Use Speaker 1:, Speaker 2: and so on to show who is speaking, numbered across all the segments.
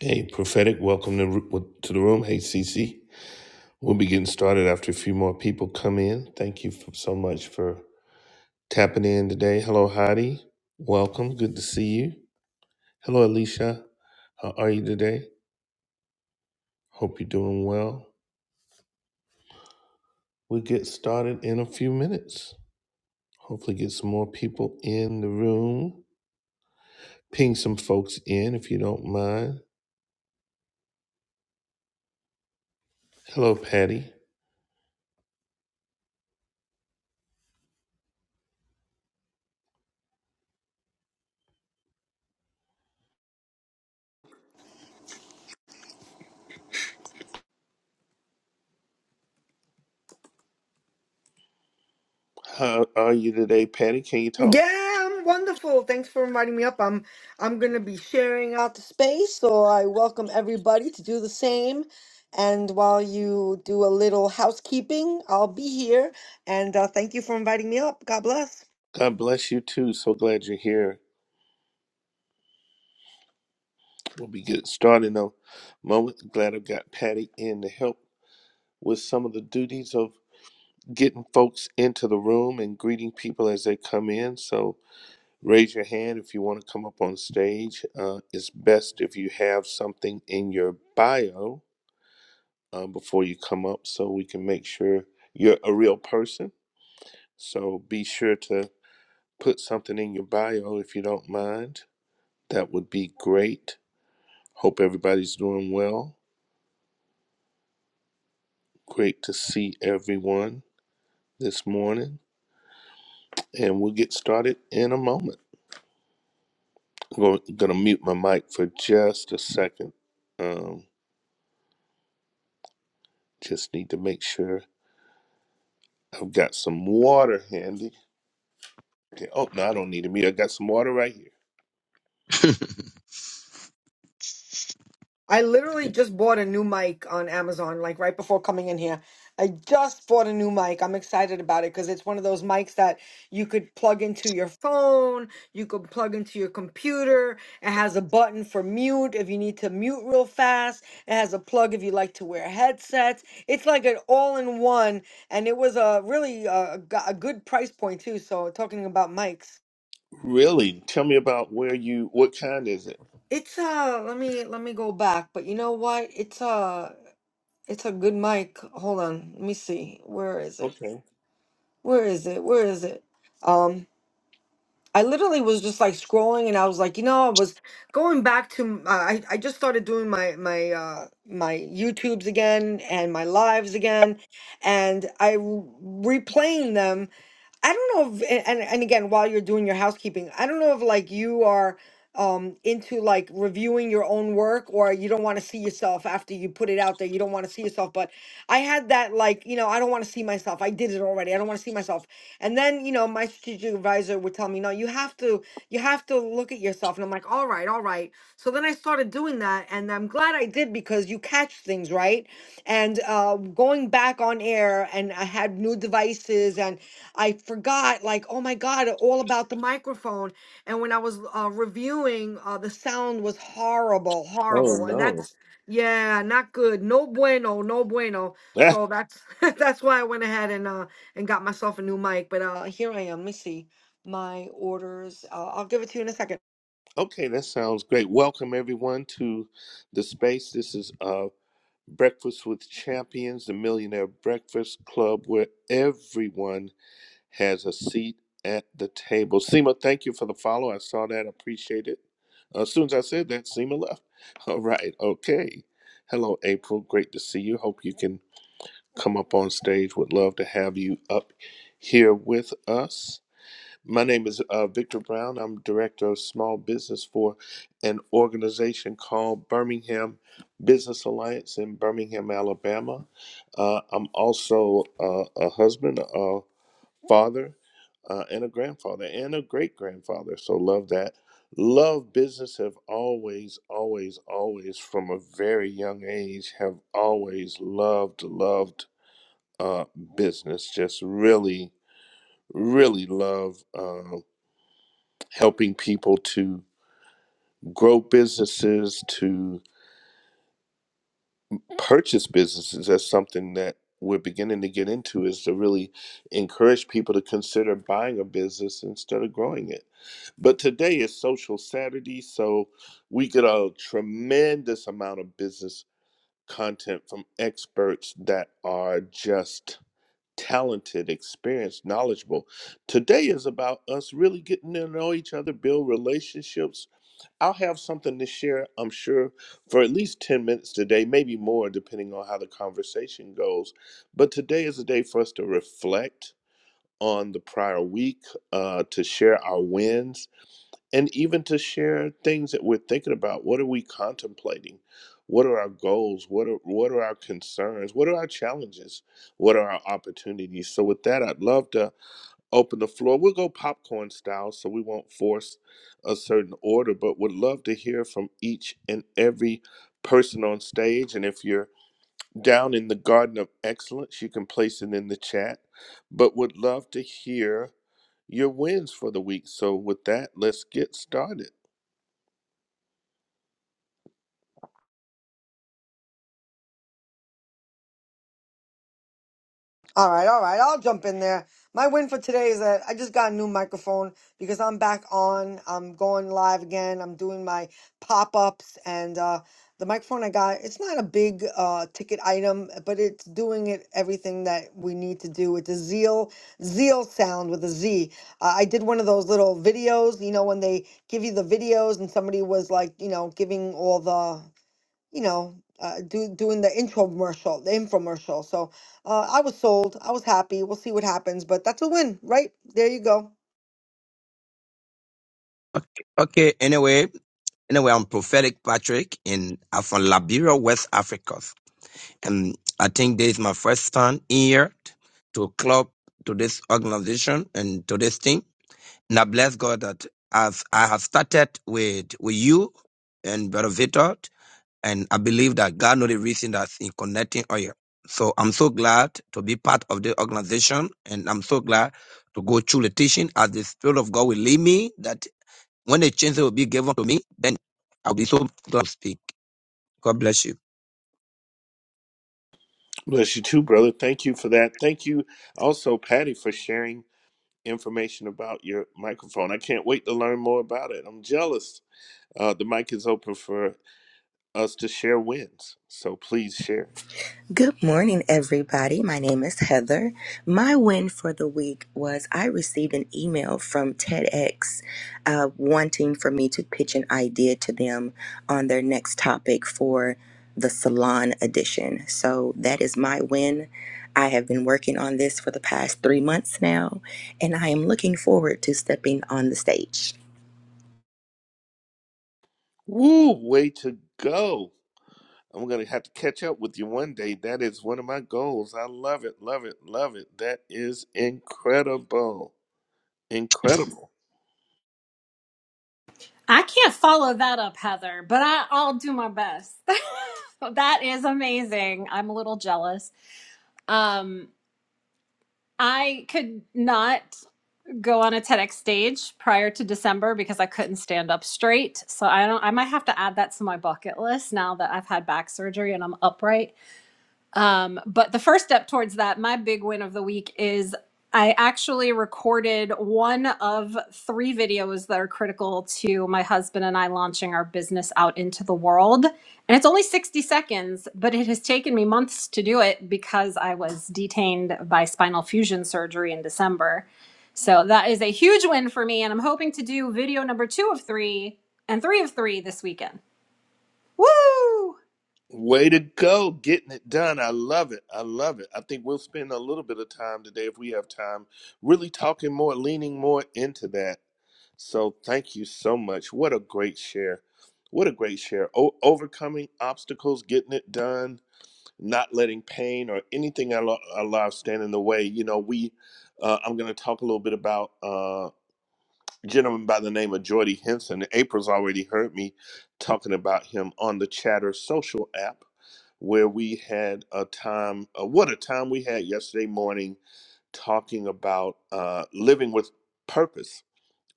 Speaker 1: Hey, prophetic, welcome to, to the room. Hey, Cece. We'll be getting started after a few more people come in. Thank you f so much for tapping in today. Hello, Heidi. Welcome. Good to see you. Hello, Alicia. How are you today? Hope you're doing well. We'll get started in a few minutes. Hopefully, get some more people in the room. Ping some folks in if you don't mind. Hello, Patty. How are you today, Patty? Can you talk?
Speaker 2: Yeah, I'm wonderful. Thanks for inviting me up. I'm I'm gonna be sharing out the space, so I welcome everybody to do the same. And while you do a little housekeeping, I'll be here. And uh, thank you for inviting me up. God bless.
Speaker 1: God bless you too. So glad you're here. We'll be getting started in a moment. Glad I got Patty in to help with some of the duties of getting folks into the room and greeting people as they come in. So raise your hand if you want to come up on stage. Uh, it's best if you have something in your bio uh, before you come up so we can make sure you're a real person. So be sure to put something in your bio if you don't mind. That would be great. Hope everybody's doing well. Great to see everyone this morning, and we'll get started in a moment. I'm going to mute my mic for just a second. Um, just need to make sure I've got some water handy. Okay. Oh no, I don't need to mute. I got some water right here.
Speaker 2: I literally just bought a new mic on Amazon, like right before coming in here. I just bought a new mic. I'm excited about it because it's one of those mics that you could plug into your phone, you could plug into your computer. It has a button for mute if you need to mute real fast. It has a plug if you like to wear headsets. It's like an all in one, and it was a really uh, g- a good price point too. So talking about mics,
Speaker 1: Really? Tell me about where you. What kind is it?
Speaker 2: it's uh, let me let me go back, but you know what? It's uh. It's a good mic. Hold on. Let me see. Where is it?
Speaker 1: Okay.
Speaker 2: Where is it? Where is it? Um, I literally was just like scrolling and I was like, you know, I was going back to m- uh, I I just started doing my my uh my YouTubes again and my lives again and I w- replaying them I don't know if, a- and and again, while you're doing your housekeeping, I don't know if like you are um into like reviewing your own work or you don't want to see yourself after you put it out there. You don't want to see yourself, but I had that like, you know, I don't want to see myself. I did it already. I don't want to see myself. And then, you know, my strategic advisor would tell me, "No, you have to you have to look at yourself." And I'm like, "All right, all right." So then I started doing that and I'm glad I did because you catch things, right? And uh going back on air and I had new devices and I forgot, like, oh my God, all about the microphone. And when I was uh, reviewing, uh, the sound was horrible,
Speaker 1: Oh,
Speaker 2: horrible. And
Speaker 1: No.
Speaker 2: that's, yeah, not good. No bueno, no bueno.
Speaker 1: Ah,
Speaker 2: So that's that's why I went ahead and uh and got myself a new mic. But uh here I am. Let me see my orders. Uh, I'll give it to you in a second.
Speaker 1: okay, that sounds great. Welcome everyone to the space. This is uh Breakfast with Champions, the Millionaire Breakfast Club, where everyone has a seat at the table. Seema, thank you for the follow. I saw that. Appreciate it. Uh, As soon as I said that, Seema left. All right. Okay. Hello, April. Great to see you. Hope you can come up on stage. Would love to have you up here with us. My name is uh, Victor Brown. I'm director of small business for an organization called Birmingham Business Alliance in Birmingham, Alabama. Uh, I'm also uh, a husband father uh, and a grandfather and a great grandfather. So love that. Love business have always, always, always, from a very young age, have always loved, loved uh, business. Just really, really love um helping people to grow businesses, to purchase businesses. That's something that we're beginning to get into is to really encourage people to consider buying a business instead of growing it But today is Social Saturday, so we get a tremendous amount of business content from experts that are just talented, experienced, knowledgeable. Today is about us really getting to know each other, build relationships. I'll have something to share, I'm sure, for at least 10 minutes today, maybe more, depending on how the conversation goes. But today is a day for us to reflect on the prior week, uh, to share our wins and even to share things that we're thinking about. What are we contemplating? What are our goals? What are what are our concerns? What are our challenges? What are our opportunities? So with that, I'd love to open the floor. We'll go popcorn style, so we won't force a certain order, but would love to hear from each and every person on stage. And if you're down in the Garden of Excellence. You can place it in the chat, but would love to hear your wins for the week. So, with that, let's get started.
Speaker 2: All right, all right. I'll jump in there. My win for today is that I just got a new microphone because I'm back on. I'm going live again. I'm doing my pop ups and uh, the microphone I got. It's not a big uh, ticket item, but it's doing it everything that we need to do. It's a Zeal Zeal sound with a Z. Uh, I did one of those little videos. You know when they give you the videos and somebody was like, you know, giving all the you know, uh, do doing the infomercial, the infomercial. So uh, I was sold. I was happy. We'll see what happens, but that's a win, right? There you go.
Speaker 3: Okay. okay. Anyway, anyway, I'm prophetic Patrick, and I'm from Liberia, West Africa, and I think this is my first time here t- to club to this organization and to this team. And I bless God that as I have started with with you and Brother Victor, and I believe that God knows the reason that's in connecting oil. So I'm so glad to be part of the organization, and I'm so glad to go through the teaching as the Spirit of God will lead me. that. When a chance will be given to me, then I'll be so glad to speak. God bless you.
Speaker 1: Bless you too, brother. Thank you for that. Thank you also, Patty, for sharing. information about your microphone. I can't wait to learn more about it. I'm jealous. Uh, the mic is open for us to share wins, so please share.
Speaker 4: Good morning, everybody. My name is Heather. My win for the week was I received an email from TEDx uh, wanting for me to pitch an idea to them on their next topic for the salon edition. So that is my win. I have been working on this for the past three months now, and I am looking forward to stepping on the stage.
Speaker 1: Woo, way to go! I'm gonna have to catch up with you one day. That is one of my goals. I love it, love it, love it. That is incredible, incredible.
Speaker 5: I can't follow that up, Heather, but I, I'll do my best. that is amazing. I'm a little jealous. Um, I could not go on a TEDx stage prior to December because I couldn't stand up straight. So I don't. I might have to add that to my bucket list now that I've had back surgery and I'm upright. Um, but the first step towards that, my big win of the week is I actually recorded one of three videos that are critical to my husband and I launching our business out into the world. And it's only 60 seconds, but it has taken me months to do it because I was detained by spinal fusion surgery in December. So that is a huge win for me. And I'm hoping to do video number two of three and three of three this weekend. Woo!
Speaker 1: Way to go, getting it done. I love it. I love it. I think we'll spend a little bit of time today, if we have time, really talking more, leaning more into that. So thank you so much. What a great share. What a great share. O- overcoming obstacles, getting it done, not letting pain or anything in our, lo- our lives stand in the way. You know, we, uh, I'm going to talk a little bit about. uh, gentleman by the name of Jordy Henson. April's already heard me talking about him on the Chatter social app, where we had a time, uh, what a time we had yesterday morning talking about uh, living with purpose.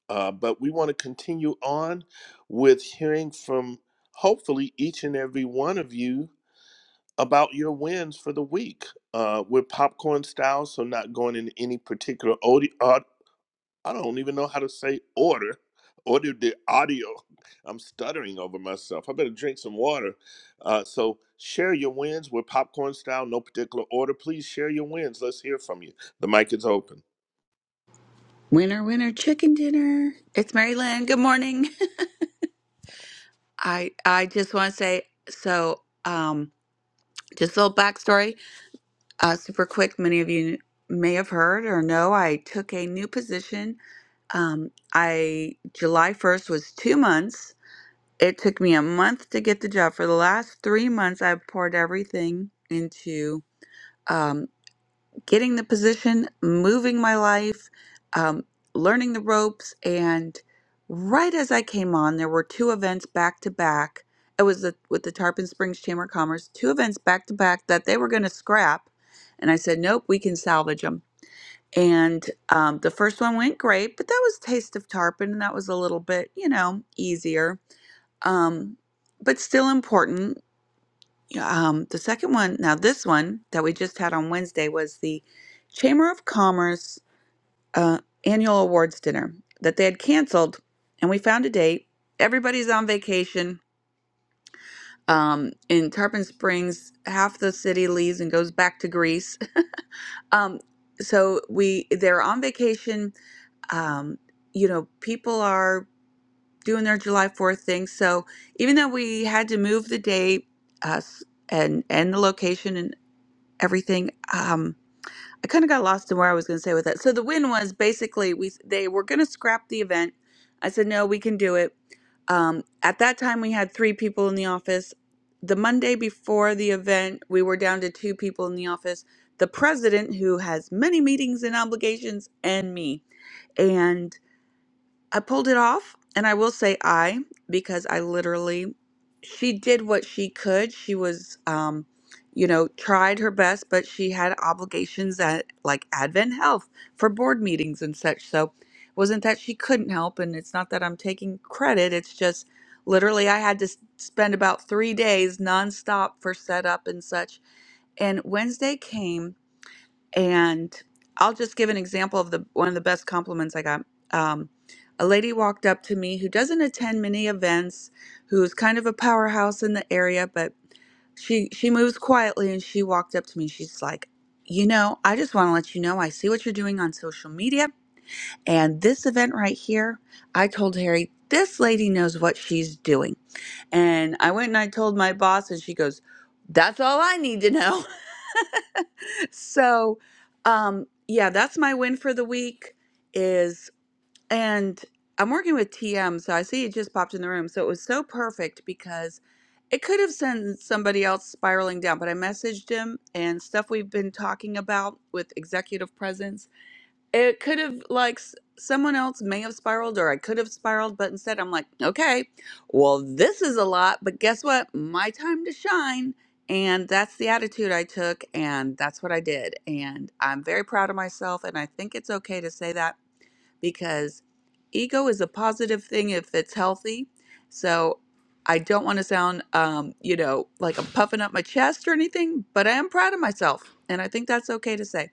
Speaker 1: Uh, but we want to continue on with hearing from hopefully each and every one of you about your wins for the week. Uh, we're popcorn style, so not going in any particular order, I don't even know how to say order. Order the audio. I'm stuttering over myself. I better drink some water. Uh, so share your wins with popcorn style, no particular order. Please share your wins. Let's hear from you. The mic is open.
Speaker 6: Winner, winner, chicken dinner. It's Mary Lynn. Good morning. I I just want to say so. Um, just a little backstory. Uh, super quick. Many of you may have heard or know. I took a new position. Um, I July first was two months. It took me a month to get the job. For the last three months, I've poured everything into. Um, getting the position, moving my life, um, learning the ropes. And right as I came on, there were two events back to back. It was the, with the Tarpon Springs Chamber of Commerce, two events back to back that they were going to scrap. And I said, nope, we can salvage them. And um, the first one went great, but that was Taste of Tarpon, and that was a little bit, you know, easier, um, but still important. Um, the second one, now this one that we just had on Wednesday was the Chamber of Commerce uh, annual awards dinner that they had canceled, and we found a date. Everybody's on vacation. Um, in Tarpon Springs, half the city leaves and goes back to Greece. Um, so we they're on vacation. Um, you know, people are doing their July Fourth thing. So even though we had to move the date, us and and the location everything. Um, I kind of got lost in where I was going to say with that. So the win was basically we they were going to scrap the event. I said no, we can do it. Um, at that time, we had three people in the office. The Monday before the event, we were down to two people in the office. The president, who has many meetings and obligations, and me. I pulled it off, and I will say I because I literally she did what she could. She was um you know, tried her best, but she had obligations at like Advent Health for board meetings and such. So, it wasn't that she couldn't help and it's not that I'm taking credit. It's just literally I had to s- spend about 3 days nonstop for setup and such. And Wednesday came and I'll just give an example of the one of the best compliments I got. Um, a lady walked up to me who doesn't attend many events, who's kind of a powerhouse in the area, but she she moves quietly and she walked up to me. She's like, "You know, I just want to let you know I see what you're doing on social media and this event right here." I told Harry, "This lady knows what she's doing." And I went and I told my boss and she goes, "That's all I need to know." So, um, yeah, that's my win for the week is and I'm working with TM, so I see it just popped in the room. So it was so perfect because it could have sent somebody else spiraling down, but I messaged him and stuff we've been talking about with executive presence it could have like s- someone else may have spiraled or I could have spiraled, but instead I'm like, okay, well, this is a lot, but guess what? My time to shine. And that's the attitude I took, and that's what I did. And I'm very proud of myself, and I think it's okay to say that because ego is a positive thing if it's healthy. So I don't want to sound, um, you know, like I'm puffing up my chest or anything, but I am proud of myself, and I think that's okay to say.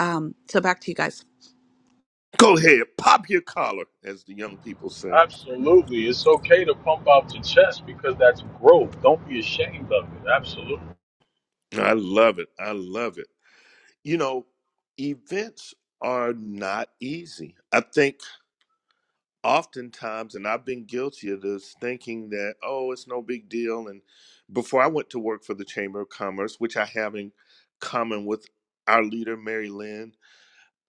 Speaker 6: Um, so back to you guys.
Speaker 1: Go ahead, pop your collar, as the young people say.
Speaker 7: Absolutely. It's okay to pump out your chest because that's growth. Don't be ashamed of it. Absolutely.
Speaker 1: I love it. I love it. You know, events are not easy. I think oftentimes, and I've been guilty of this, thinking that, oh, it's no big deal. And before I went to work for the Chamber of Commerce, which I have in common with our leader, Mary Lynn,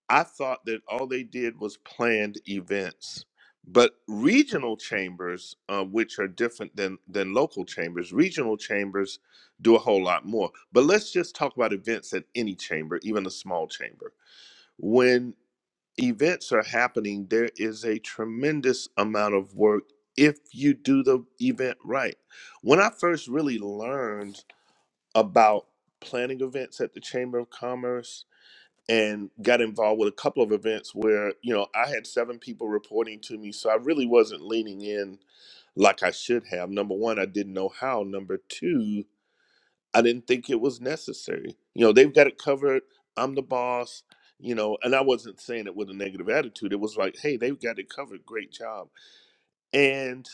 Speaker 1: I thought that all they did was planned events. But regional chambers, uh, which are different than, than local chambers, regional chambers do a whole lot more. But let's just talk about events at any chamber, even a small chamber. When events are happening, there is a tremendous amount of work if you do the event right. When I first really learned about planning events at the Chamber of Commerce and got involved with a couple of events where, you know, I had seven people reporting to me, so I really wasn't leaning in like I should have. Number one, I didn't know how. Number two, I didn't think it was necessary. You know, they've got it covered. I'm the boss. You know, and I wasn't saying it with a negative attitude. It was like, hey, they've got it covered. Great job. And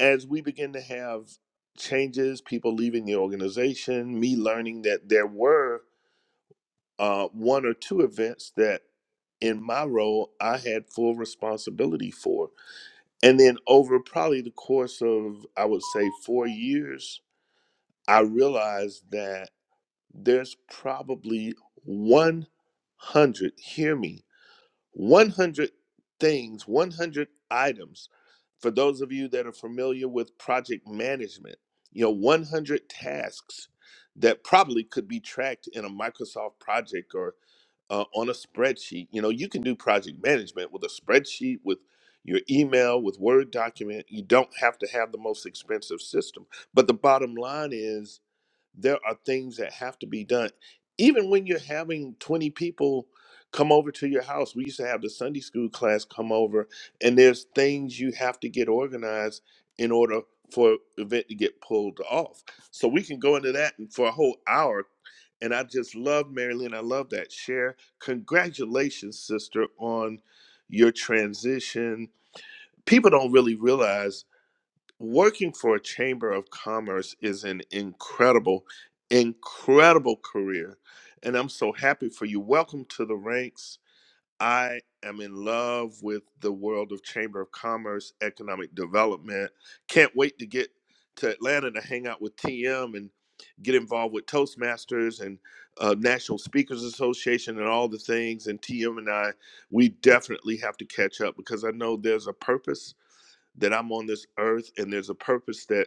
Speaker 1: as we begin to have changes, people leaving the organization, me learning that there were uh, one or two events that in my role I had full responsibility for. And then over probably the course of, I would say, four years, I realized that there's probably 100, hear me, 100 things, 100 items. For those of you that are familiar with project management, you know, 100 tasks that probably could be tracked in a Microsoft project or uh, on a spreadsheet. You know, you can do project management with a spreadsheet, with your email, with Word document. You don't have to have the most expensive system. But the bottom line is, there are things that have to be done. Even when you're having 20 people come over to your house, we used to have the Sunday school class come over, and there's things you have to get organized in order for event to get pulled off. So we can go into that for a whole hour. And I just love Marilyn. I love that share. Congratulations, sister, on your transition. People don't really realize working for a chamber of commerce is an incredible incredible career and i'm so happy for you welcome to the ranks i am in love with the world of chamber of commerce economic development can't wait to get to atlanta to hang out with tm and get involved with toastmasters and uh, national speakers association and all the things and tm and i we definitely have to catch up because i know there's a purpose that I'm on this earth and there's a purpose that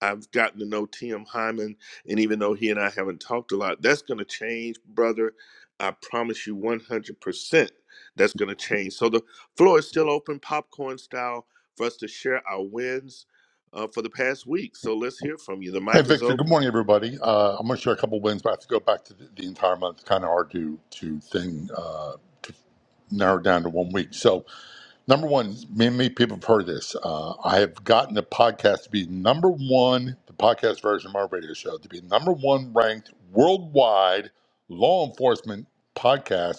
Speaker 1: I've gotten to know Tim Hyman. And even though he and I haven't talked a lot, that's going to change, brother. I promise you 100% that's going to change. So the floor is still open, popcorn style, for us to share our wins uh, for the past week. So let's hear from you. The
Speaker 8: Hi,
Speaker 1: mic is
Speaker 8: Victor. Good
Speaker 1: open.
Speaker 8: morning, everybody. Uh, I'm going to share a couple wins, but I have to go back to the, the entire month. It's kind of hard to to thing uh, to narrow down to one week. So, number one, many, many people have heard this. Uh, I have gotten the podcast to be number one, the podcast version of my radio show, to be number one ranked worldwide law enforcement podcast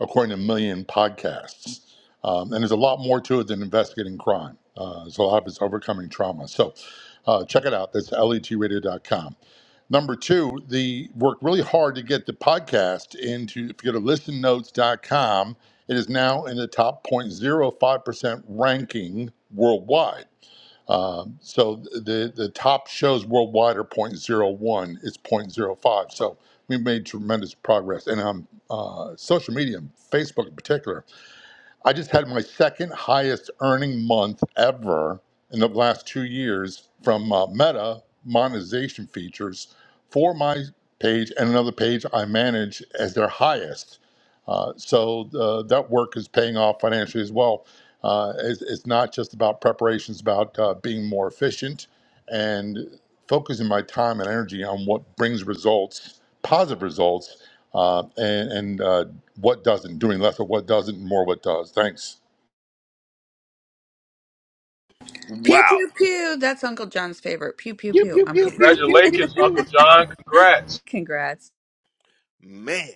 Speaker 8: according to Million Podcasts. Um, and there's a lot more to it than investigating crime. Uh, there's a lot of it's overcoming trauma. So uh, check it out. That's letradio.com. Number two, the worked really hard to get the podcast into, if you go to listennotes.com, it is now in the top 0.05% ranking worldwide. Um, so the the top shows worldwide are zero point zero 0.01. It's zero point zero 0.05. So we made tremendous progress. And on uh, social media, Facebook in particular, I just had my second highest earning month ever in the last two years from uh, Meta monetization features for my page and another page I manage as their highest. Uh, so uh, that work is paying off financially as well. Uh, it's, it's not just about preparation; it's about uh, being more efficient and focusing my time and energy on what brings results, positive results, uh, and, and uh, what doesn't, doing less of what doesn't, and more what does. Thanks.
Speaker 6: Pew
Speaker 1: Wow.
Speaker 6: pew pew. That's Uncle John's favorite. Pew pew
Speaker 1: Pew,
Speaker 6: pew.
Speaker 1: pew,
Speaker 6: I'm
Speaker 1: pew,
Speaker 6: kidding.
Speaker 1: pew, pew, pew,
Speaker 7: Congratulations, Uncle
Speaker 1: pew.
Speaker 7: John. Congrats.
Speaker 6: Congrats,
Speaker 1: Man.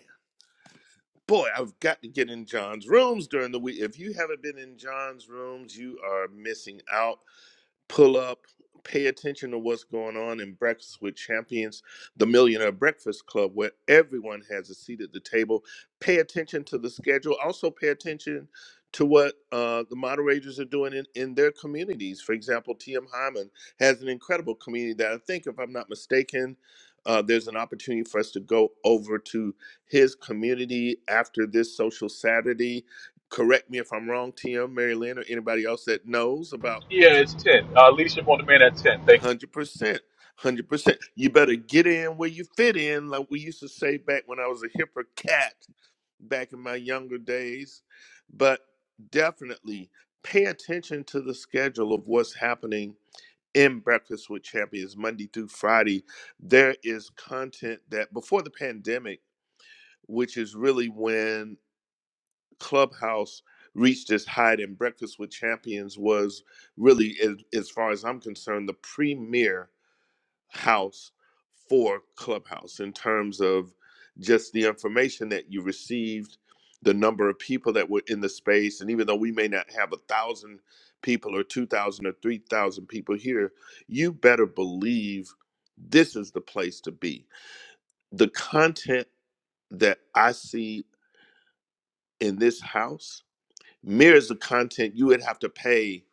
Speaker 1: Boy, I've got to get in John's rooms during the week. If you haven't been in John's rooms, you are missing out. pull up, pay attention to what's going on in Breakfast with Champions, the Millionaire Breakfast Club, where everyone has a seat at the table. Pay attention to the schedule. Also, pay attention to what uh, the moderators are doing in, in their communities. For example, TM Hyman has an incredible community that I think, if I'm not mistaken, uh, there's an opportunity for us to go over to his community after this social Saturday. Correct me if I'm wrong, TM, Mary Lynn, or anybody else that knows about
Speaker 7: Yeah, it's 10. Uh, leadership on demand at 10. Thank you.
Speaker 1: Hundred percent, hundred percent. You better get in where you fit in, like we used to say back when I was a hipper cat, back in my younger days. But definitely pay attention to the schedule of what's happening in Breakfast with Champions Monday through Friday. There is content that before the pandemic, which is really when Clubhouse reached its height, and Breakfast with Champions was really, as, as far as I'm concerned, the premier house for Clubhouse in terms of just the information that you received, the number of people that were in the space. And even though we may not have a thousand people or 2,000 or 3,000 people here, you better believe this is the place to be. The content that I see in this house mirrors the content you would have to pay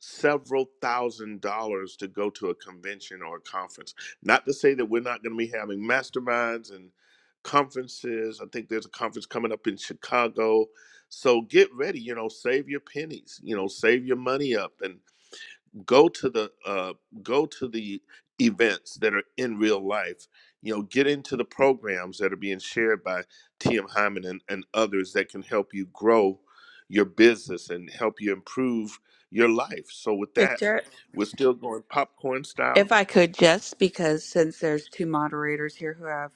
Speaker 1: several thousand dollars to go to a convention or a conference. Not to say that we're not going to be having masterminds and conferences. I think there's a conference coming up in Chicago. So get ready, you know, save your pennies, you know, save your money up and go to the uh, go to the events that are in real life you know get into the programs that are being shared by tm hyman and, and others that can help you grow your business and help you improve your life so with that
Speaker 6: Victor.
Speaker 1: we're still going popcorn style
Speaker 6: If I could just because since there's two moderators here who have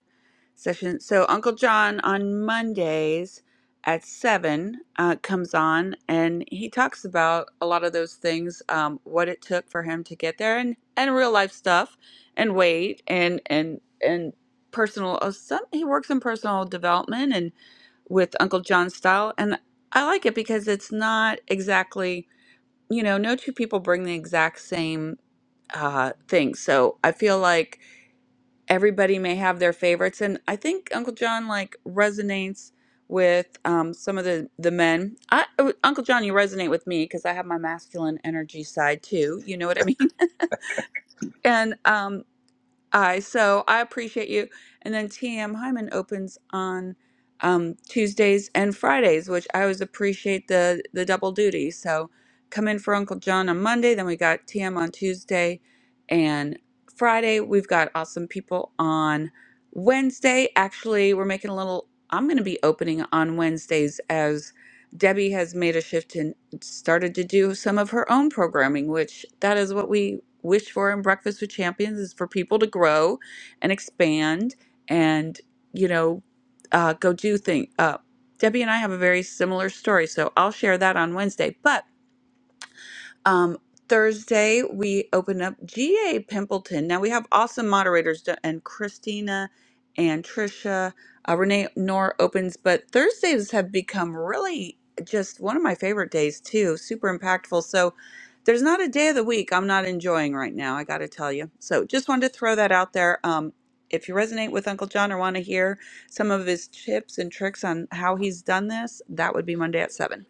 Speaker 6: sessions, so Uncle John on Mondays at seven uh, comes on and he talks about a lot of those things, um, what it took for him to get there, and and real life stuff, and weight, and and and personal. Uh, some he works in personal development and. with Uncle John style. And I like it because it's not exactly, you know, no two people bring the exact same uh thing. So I feel like everybody may have their favorites and I think Uncle John like resonates with um some of the the men. I uh, Uncle John you resonate with me because I have my masculine energy side too. You know what I mean? And um I so I appreciate you. And then TM Hyman opens on um, Tuesdays and Fridays, which I always appreciate the the double duty. So come in for Uncle John on Monday, then we got TM on Tuesday and Friday. We've got awesome people on Wednesday. Actually, we're making a little. I'm going to be opening on Wednesdays as Debbie has made a shift and started to do some of her own programming, which that is what we wish for in Breakfast with Champions is for people to grow and expand and, you know, uh, go do things. Uh, Debbie and I have a very similar story, so I'll share that on Wednesday. But um, Thursday, we open up GA Pimpleton. Now, we have awesome moderators, da- and Christina and Trisha. Uh, Renee Knorr opens, but Thursdays have become really just one of my favorite days, too. Super impactful. So, there's not a day of the week I'm not enjoying right now, I got to tell you. So, just wanted to throw that out there. Um, if you resonate with Uncle John or want to hear some of his tips and tricks on how he's done this, that would be Monday at 7.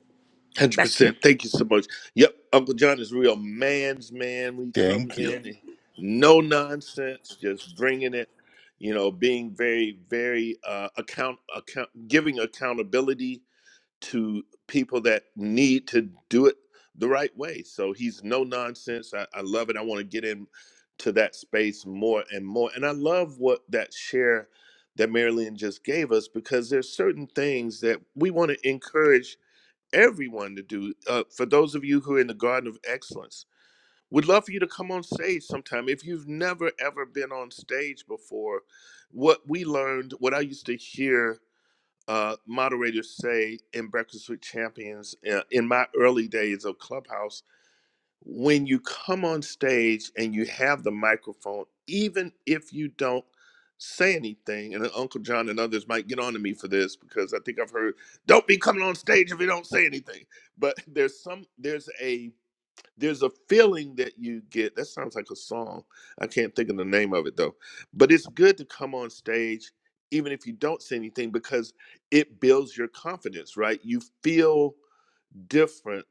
Speaker 1: Hundred
Speaker 6: Back to
Speaker 1: percent. Thank you so much. Yep, Uncle John is real man's man. When he
Speaker 8: Thank
Speaker 1: comes
Speaker 8: you.
Speaker 1: in, and no nonsense, just bringing it. You know, being very, very uh, account account giving accountability to people that need to do it the right way. So he's no nonsense. I, I love it. I want to get in to that space more and more. And I love what that share that Marilyn just gave us because there's certain things that we want to encourage everyone to do. Uh, for those of you who are in the Garden of Excellence, would love for you to come on stage sometime. If you've never ever been on stage before, what we learned, what I used to hear uh, moderators say in Breakfast with Champions uh, in my early days of Clubhouse when you come on stage and you have the microphone, even if you don't say anything, and Uncle John and others might get on to me for this because I think I've heard, don't be coming on stage if you don't say anything. But there's some, there's a, there's a feeling that you get. That sounds like a song. I can't think of the name of it though. But it's good to come on stage, even if you don't say anything, because it builds your confidence, right? You feel different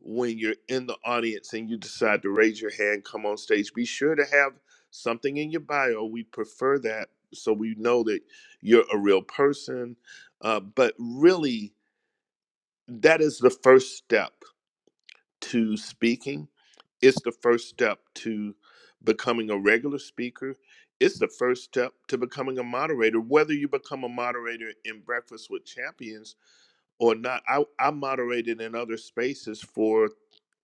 Speaker 1: when you're in the audience and you decide to raise your hand, come on stage, be sure to have something in your bio. We prefer that so we know that you're a real person. Uh, but really, that is the first step to speaking. It's the first step to becoming a regular speaker. It's the first step to becoming a moderator. Whether you become a moderator in Breakfast with Champions or not. I, I moderated in other spaces for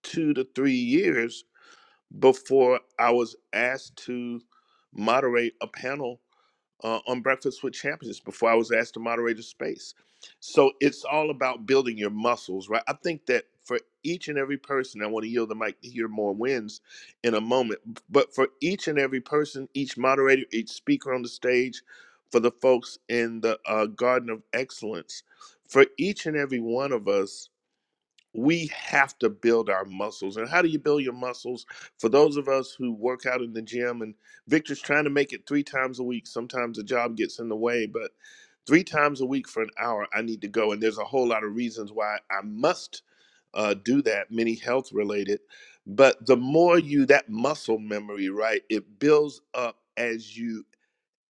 Speaker 1: two to three years before I was asked to moderate a panel uh, on Breakfast with Champions before I was asked to moderate a space. So it's all about building your muscles, right? I think that for each and every person, I want to yield the mic to hear more wins in a moment, but for each and every person, each moderator, each speaker on the stage, for the folks in the uh, Garden of Excellence, for each and every one of us, we have to build our muscles. And how do you build your muscles? For those of us who work out in the gym, and Victor's trying to make it three times a week, sometimes the job gets in the way, but three times a week for an hour, I need to go. And there's a whole lot of reasons why I must uh, do that, many health related. But the more you, that muscle memory, right, it builds up as you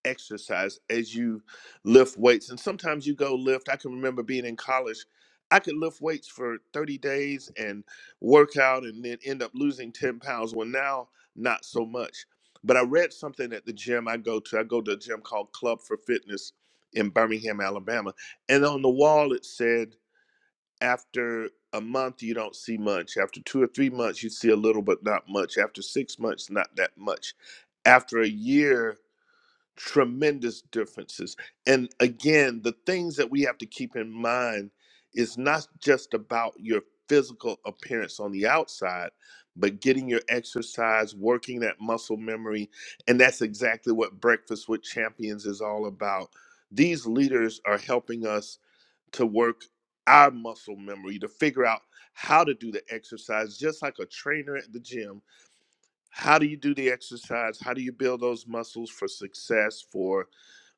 Speaker 1: exercise as you lift weights. And sometimes you go lift. I can remember being in college, I could lift weights for 30 days and work out and then end up losing 10 pounds. Well, now, not so much. But I read something at the gym I go to. I go to a gym called Club for Fitness in Birmingham, Alabama. And on the wall, it said, after a month, you don't see much. After two or three months, you see a little, but not much. After six months, not that much. After a year, tremendous differences. And again, the things that we have to keep in mind is not just about your physical appearance on the outside, but getting your exercise, working that muscle memory. And that's exactly what Breakfast with Champions is all about. These leaders are helping us to work our muscle memory to figure out how to do the exercise, just like a trainer at the gym. How do you do the exercise? How do you build those muscles for success, for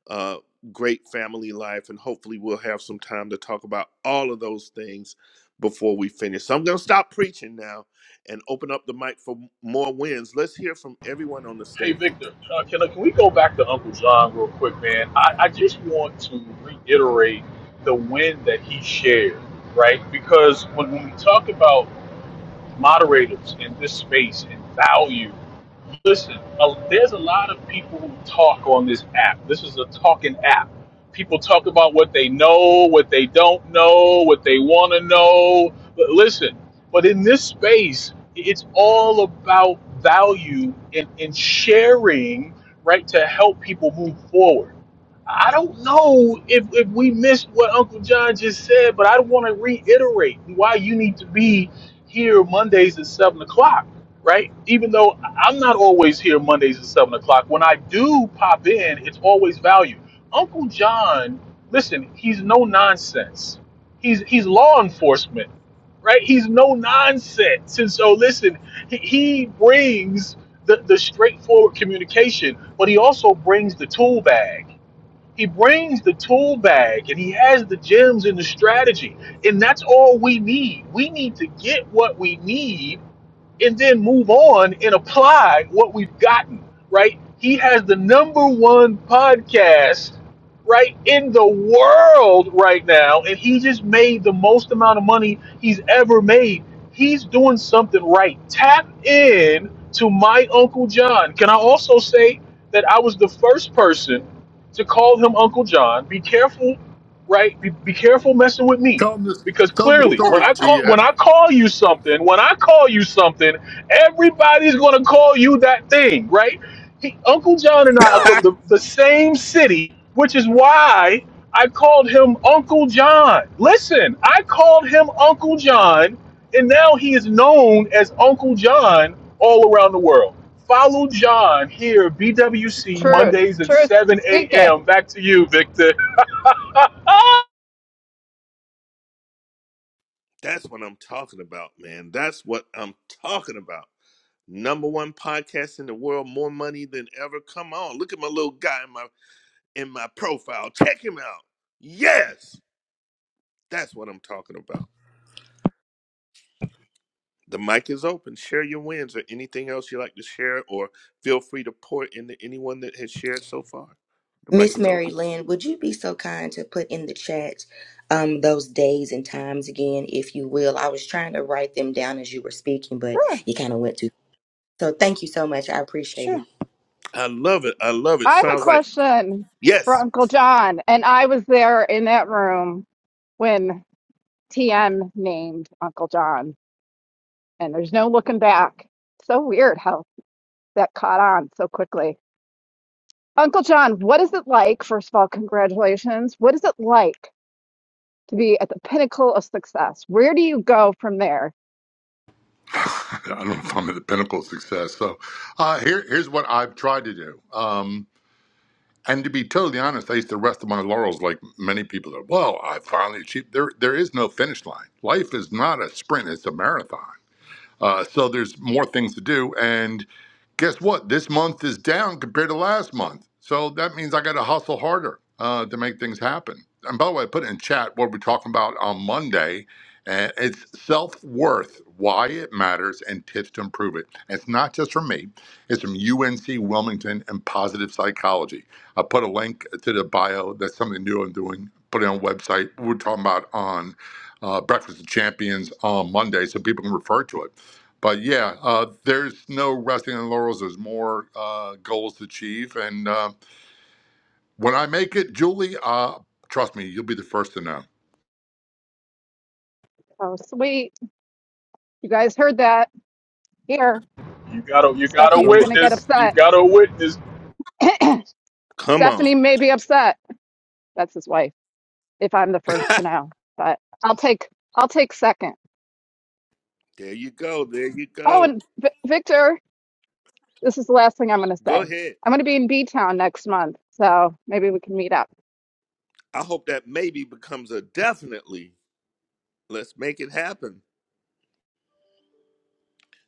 Speaker 1: uh, great family life, and hopefully we'll have some time to talk about all of those things before we finish. So I'm going to stop preaching now and open up the mic for more wins. Let's hear from everyone on the
Speaker 7: Hey,
Speaker 1: stage.
Speaker 7: Victor, uh, can, can we go back to Uncle John real quick, man? I, I just want to reiterate the win that he shared, right? Because when, when we talk about moderators in this space and value. Listen, uh, there's a lot of people who talk on this app. This is a talking app. People talk about what they know, what they don't know, what they want to know. But listen, but in this space, it's all about value and, and sharing, right, to help people move forward. I don't know if, if we missed what Uncle John just said, but I want to reiterate why you need to be here Mondays at seven o'clock, right? Even though I'm not always here Mondays at seven o'clock, when I do pop in, it's always value. Uncle John, listen, he's no nonsense. He's he's law enforcement, right? He's no nonsense, and so listen, he, he brings the the straightforward communication, but he also brings the tool bag he brings the tool bag and he has the gems and the strategy. And that's all we need. We need to get what we need and then move on and apply what we've gotten, right? He has the number one podcast, right, in the world right now, and he just made the most amount of money he's ever made. He's doing something right. Tap in to my Uncle John. Can I also say that I was the first person to call him Uncle John? Be careful, right? Be, be careful messing with me
Speaker 8: Tell them this.
Speaker 7: because
Speaker 8: Tell them the
Speaker 7: clearly when
Speaker 8: story,
Speaker 7: i call when
Speaker 8: TM.
Speaker 7: i call you something when i call you something everybody's going to call you that thing right he, uncle john and i are from the, the same city which is why i called him uncle john listen i called him uncle john and now he is known as uncle john all around the world follow john here bwc
Speaker 9: Truth,
Speaker 7: mondays at
Speaker 9: truth,
Speaker 7: 7
Speaker 9: speak it.
Speaker 7: a.m back to you victor
Speaker 1: That's what I'm talking about, man. That's what I'm talking about. Number one podcast in the world, more money than ever. Come on, look at my little guy, in my. in my profile. Check him out. Yes, that's what I'm talking about. The mic is open. Share your wins or anything else you like to share, or feel free to pour into anyone that has shared so far. The mic
Speaker 4: Miss
Speaker 1: is
Speaker 4: Mary
Speaker 1: open.
Speaker 4: Lynn, would you be so kind to put in the chat um, those days and times again, if you will? I was trying to write them down as you were speaking, but you kind of went to. So thank you so much. I appreciate
Speaker 6: you.
Speaker 4: it,
Speaker 1: I love it. I love it.
Speaker 9: I have a
Speaker 1: Sounds like,
Speaker 9: question for
Speaker 1: yes,
Speaker 9: Uncle John, and I was there in that room when TM named Uncle John, and there's no looking back. So weird how that caught on so quickly. Uncle John, what is it like? First of all, congratulations. What is it like to be at the pinnacle of success? Where do you go from there?
Speaker 8: I don't know if I'm at the pinnacle of success. So uh, here, here's what I've tried to do. Um, And to be totally honest, I used to rest on my laurels like many people that, well, I finally achieved. There, there is no finish line. Life is not a sprint, it's a marathon. Uh, so there's more things to do. And guess what? This month is down compared to last month. So that means I got to hustle harder uh, to make things happen. And by the way, I put it in chat what we're talking about on Monday. And it's self worth, why it matters, and tips to improve it. And it's not just from me, it's from UNC Wilmington and Positive Psychology. I put a link to the bio. That's something new I'm doing. Put it on a website. We're talking about on uh, Breakfast of Champions on Monday so people can refer to it but yeah, uh, there's no resting on laurels. There's more uh, goals to achieve, and uh, when I make it, Julie, uh, trust me, you'll be the first to know.
Speaker 9: Oh, sweet. You guys heard that here.
Speaker 7: You got to you got to
Speaker 9: Stephanie's
Speaker 1: come
Speaker 9: going
Speaker 1: on.
Speaker 9: to get
Speaker 7: witness. You
Speaker 9: upset.
Speaker 7: got to witness.
Speaker 1: Come on.
Speaker 9: Stephanie may be upset. That's his wife. if I'm the first to know, but I'll take I'll take second.
Speaker 1: there you go. There you
Speaker 9: Oh,
Speaker 1: go.
Speaker 9: and v- Victor, this is the last thing I'm going to say.
Speaker 1: Go ahead.
Speaker 9: I'm going to be in B Town next month, so maybe we can meet up.
Speaker 1: I hope that maybe becomes a definitely. Let's make it happen.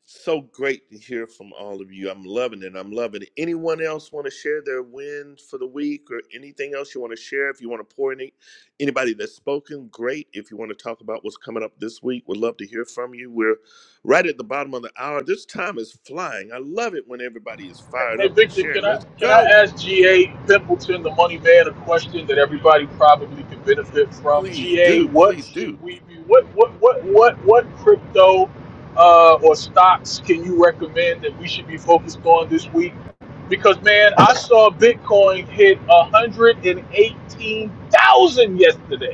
Speaker 1: So great to hear from all of you. I'm loving it. I'm loving it. Anyone else want to share their win for the week or anything else you want to share? If you want to pour any anybody that's spoken, great. If you want to talk about what's coming up this week, we'd love to hear from you. We're right at the bottom of the hour. This time is flying. I love it when everybody is fired
Speaker 7: Hey
Speaker 1: up and
Speaker 7: Victor, can
Speaker 1: sharing.
Speaker 7: I
Speaker 1: Let's
Speaker 7: can I
Speaker 1: go.
Speaker 7: ask GA Pimpleton, the money man, a question that everybody probably could benefit from?
Speaker 1: Please
Speaker 7: GA,
Speaker 1: do.
Speaker 7: what
Speaker 1: Please
Speaker 7: should
Speaker 1: do.
Speaker 7: we be what what what what what crypto uh, or stocks can you recommend that we should be focused on this week? Because man, I saw Bitcoin hit one hundred and eighteen thousand yesterday.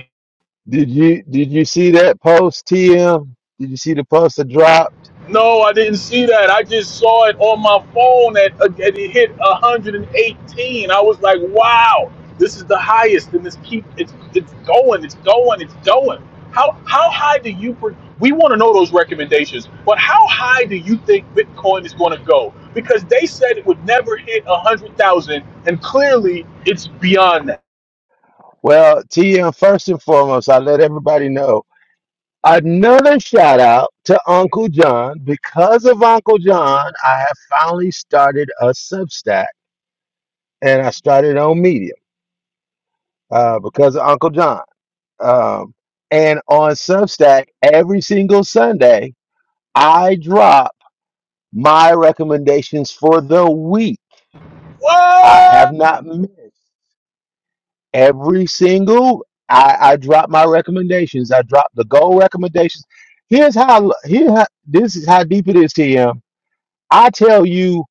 Speaker 10: Did you did you see that post, TM? Did you see the post that dropped?
Speaker 7: No, I didn't see that. I just saw it on my phone that uh, that it hit 118. I was like, wow, this is the highest, and this keep it's it's going, it's going, it's going. How how high do you? Pre- we want to know those recommendations, but how high do you think Bitcoin is going to go? Because they said it would never hit 100,000, and clearly it's beyond that.
Speaker 10: Well, TM, first and foremost, I let everybody know. Another shout out to Uncle John. Because of Uncle John, I have finally started a Substack and I started on Medium uh, because of Uncle John. Um, and on Substack, every single Sunday, I drop my recommendations for the week. I have
Speaker 7: What?
Speaker 10: not missed. every single I, I drop my recommendations. I drop the goal recommendations. Here's how here how, this is how deep it is, TM. I tell you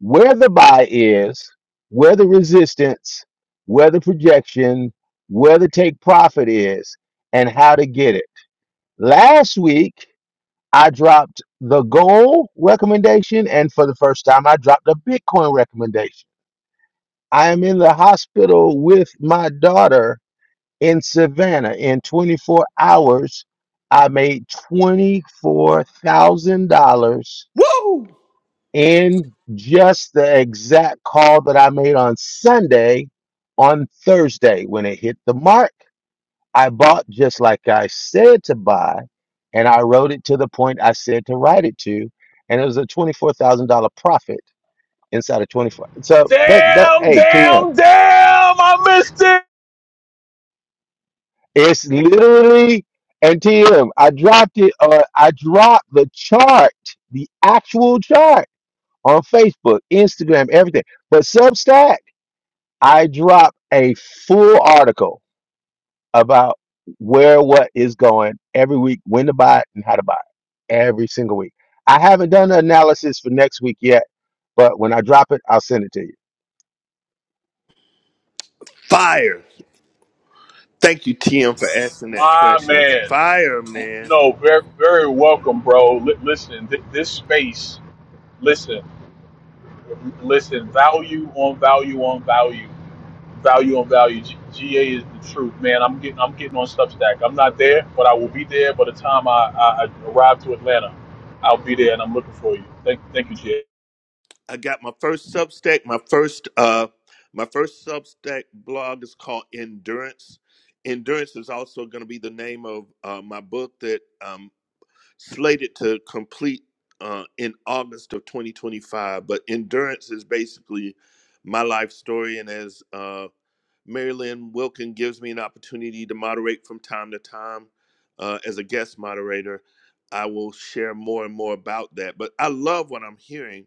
Speaker 10: where the buy is, where the resistance, where the projection, where the take profit is, and how to get it. Last week I dropped the goal recommendation, and for the first time I dropped a Bitcoin recommendation. I am in the hospital with my daughter in Savannah. In 24 hours, I made $24,000
Speaker 1: Woo!
Speaker 10: in just the exact call that I made on Sunday. On Thursday, when it hit the mark, I bought just like I said to buy, and I wrote it to the point I said to write it to, and it was a $24,000 profit inside of 24. So that that
Speaker 7: Damn,
Speaker 10: hey, TM.
Speaker 7: damn, damn! I missed it.
Speaker 10: It's literally NTM. I dropped it. Uh, I dropped the chart, the actual chart on Facebook, Instagram, everything. But Substack, I dropped a full article about where what is going every week, when to buy it, and how to buy it every single week. I haven't done the analysis for next week yet, but when I drop it, I'll send it to you.
Speaker 1: Fire. Thank you, TM, for asking that
Speaker 7: My
Speaker 1: question.
Speaker 7: man.
Speaker 1: Fire, man.
Speaker 7: No, very, very welcome, bro. Li- listen, th- this space, listen, listen, value on value on value, value on value. G- GA is the truth, man. I'm getting, I'm getting on Substack. I'm not there, but I will be there by the time I, I, I arrive to Atlanta. I'll be there, and I'm looking for you. Thank, thank you, GA.
Speaker 1: I got my first Substack. My first uh, my first Substack blog is called Endurance. Endurance is also going to be the name of uh, my book that um, slated to complete uh, in August of 2025. But Endurance is basically my life story, and as uh, Mary Lynn Wilkin gives me an opportunity to moderate from time to time uh, as a guest moderator. I will share more and more about that. But I love what I'm hearing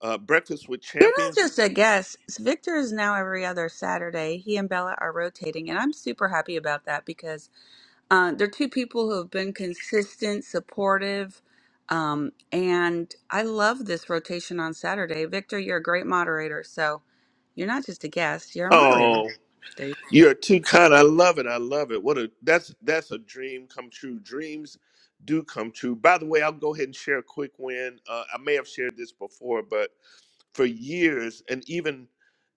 Speaker 1: uh, Breakfast with
Speaker 6: You're not
Speaker 1: Champions.
Speaker 6: just a guest. Victor is now every other Saturday. He and Bella are rotating, and I'm super happy about that because uh, they're two people who have been consistent, supportive, um, and I love this rotation on Saturday. Victor, you're a great moderator, so you're not just a guest; you're a moderator.
Speaker 1: Oh,
Speaker 6: There you
Speaker 1: you're too kind. I love it. I love it. What a that's that's a dream come true. Dreams do come true. By the way, I'll go ahead and share a quick win. Uh, I may have shared this before, but for years and even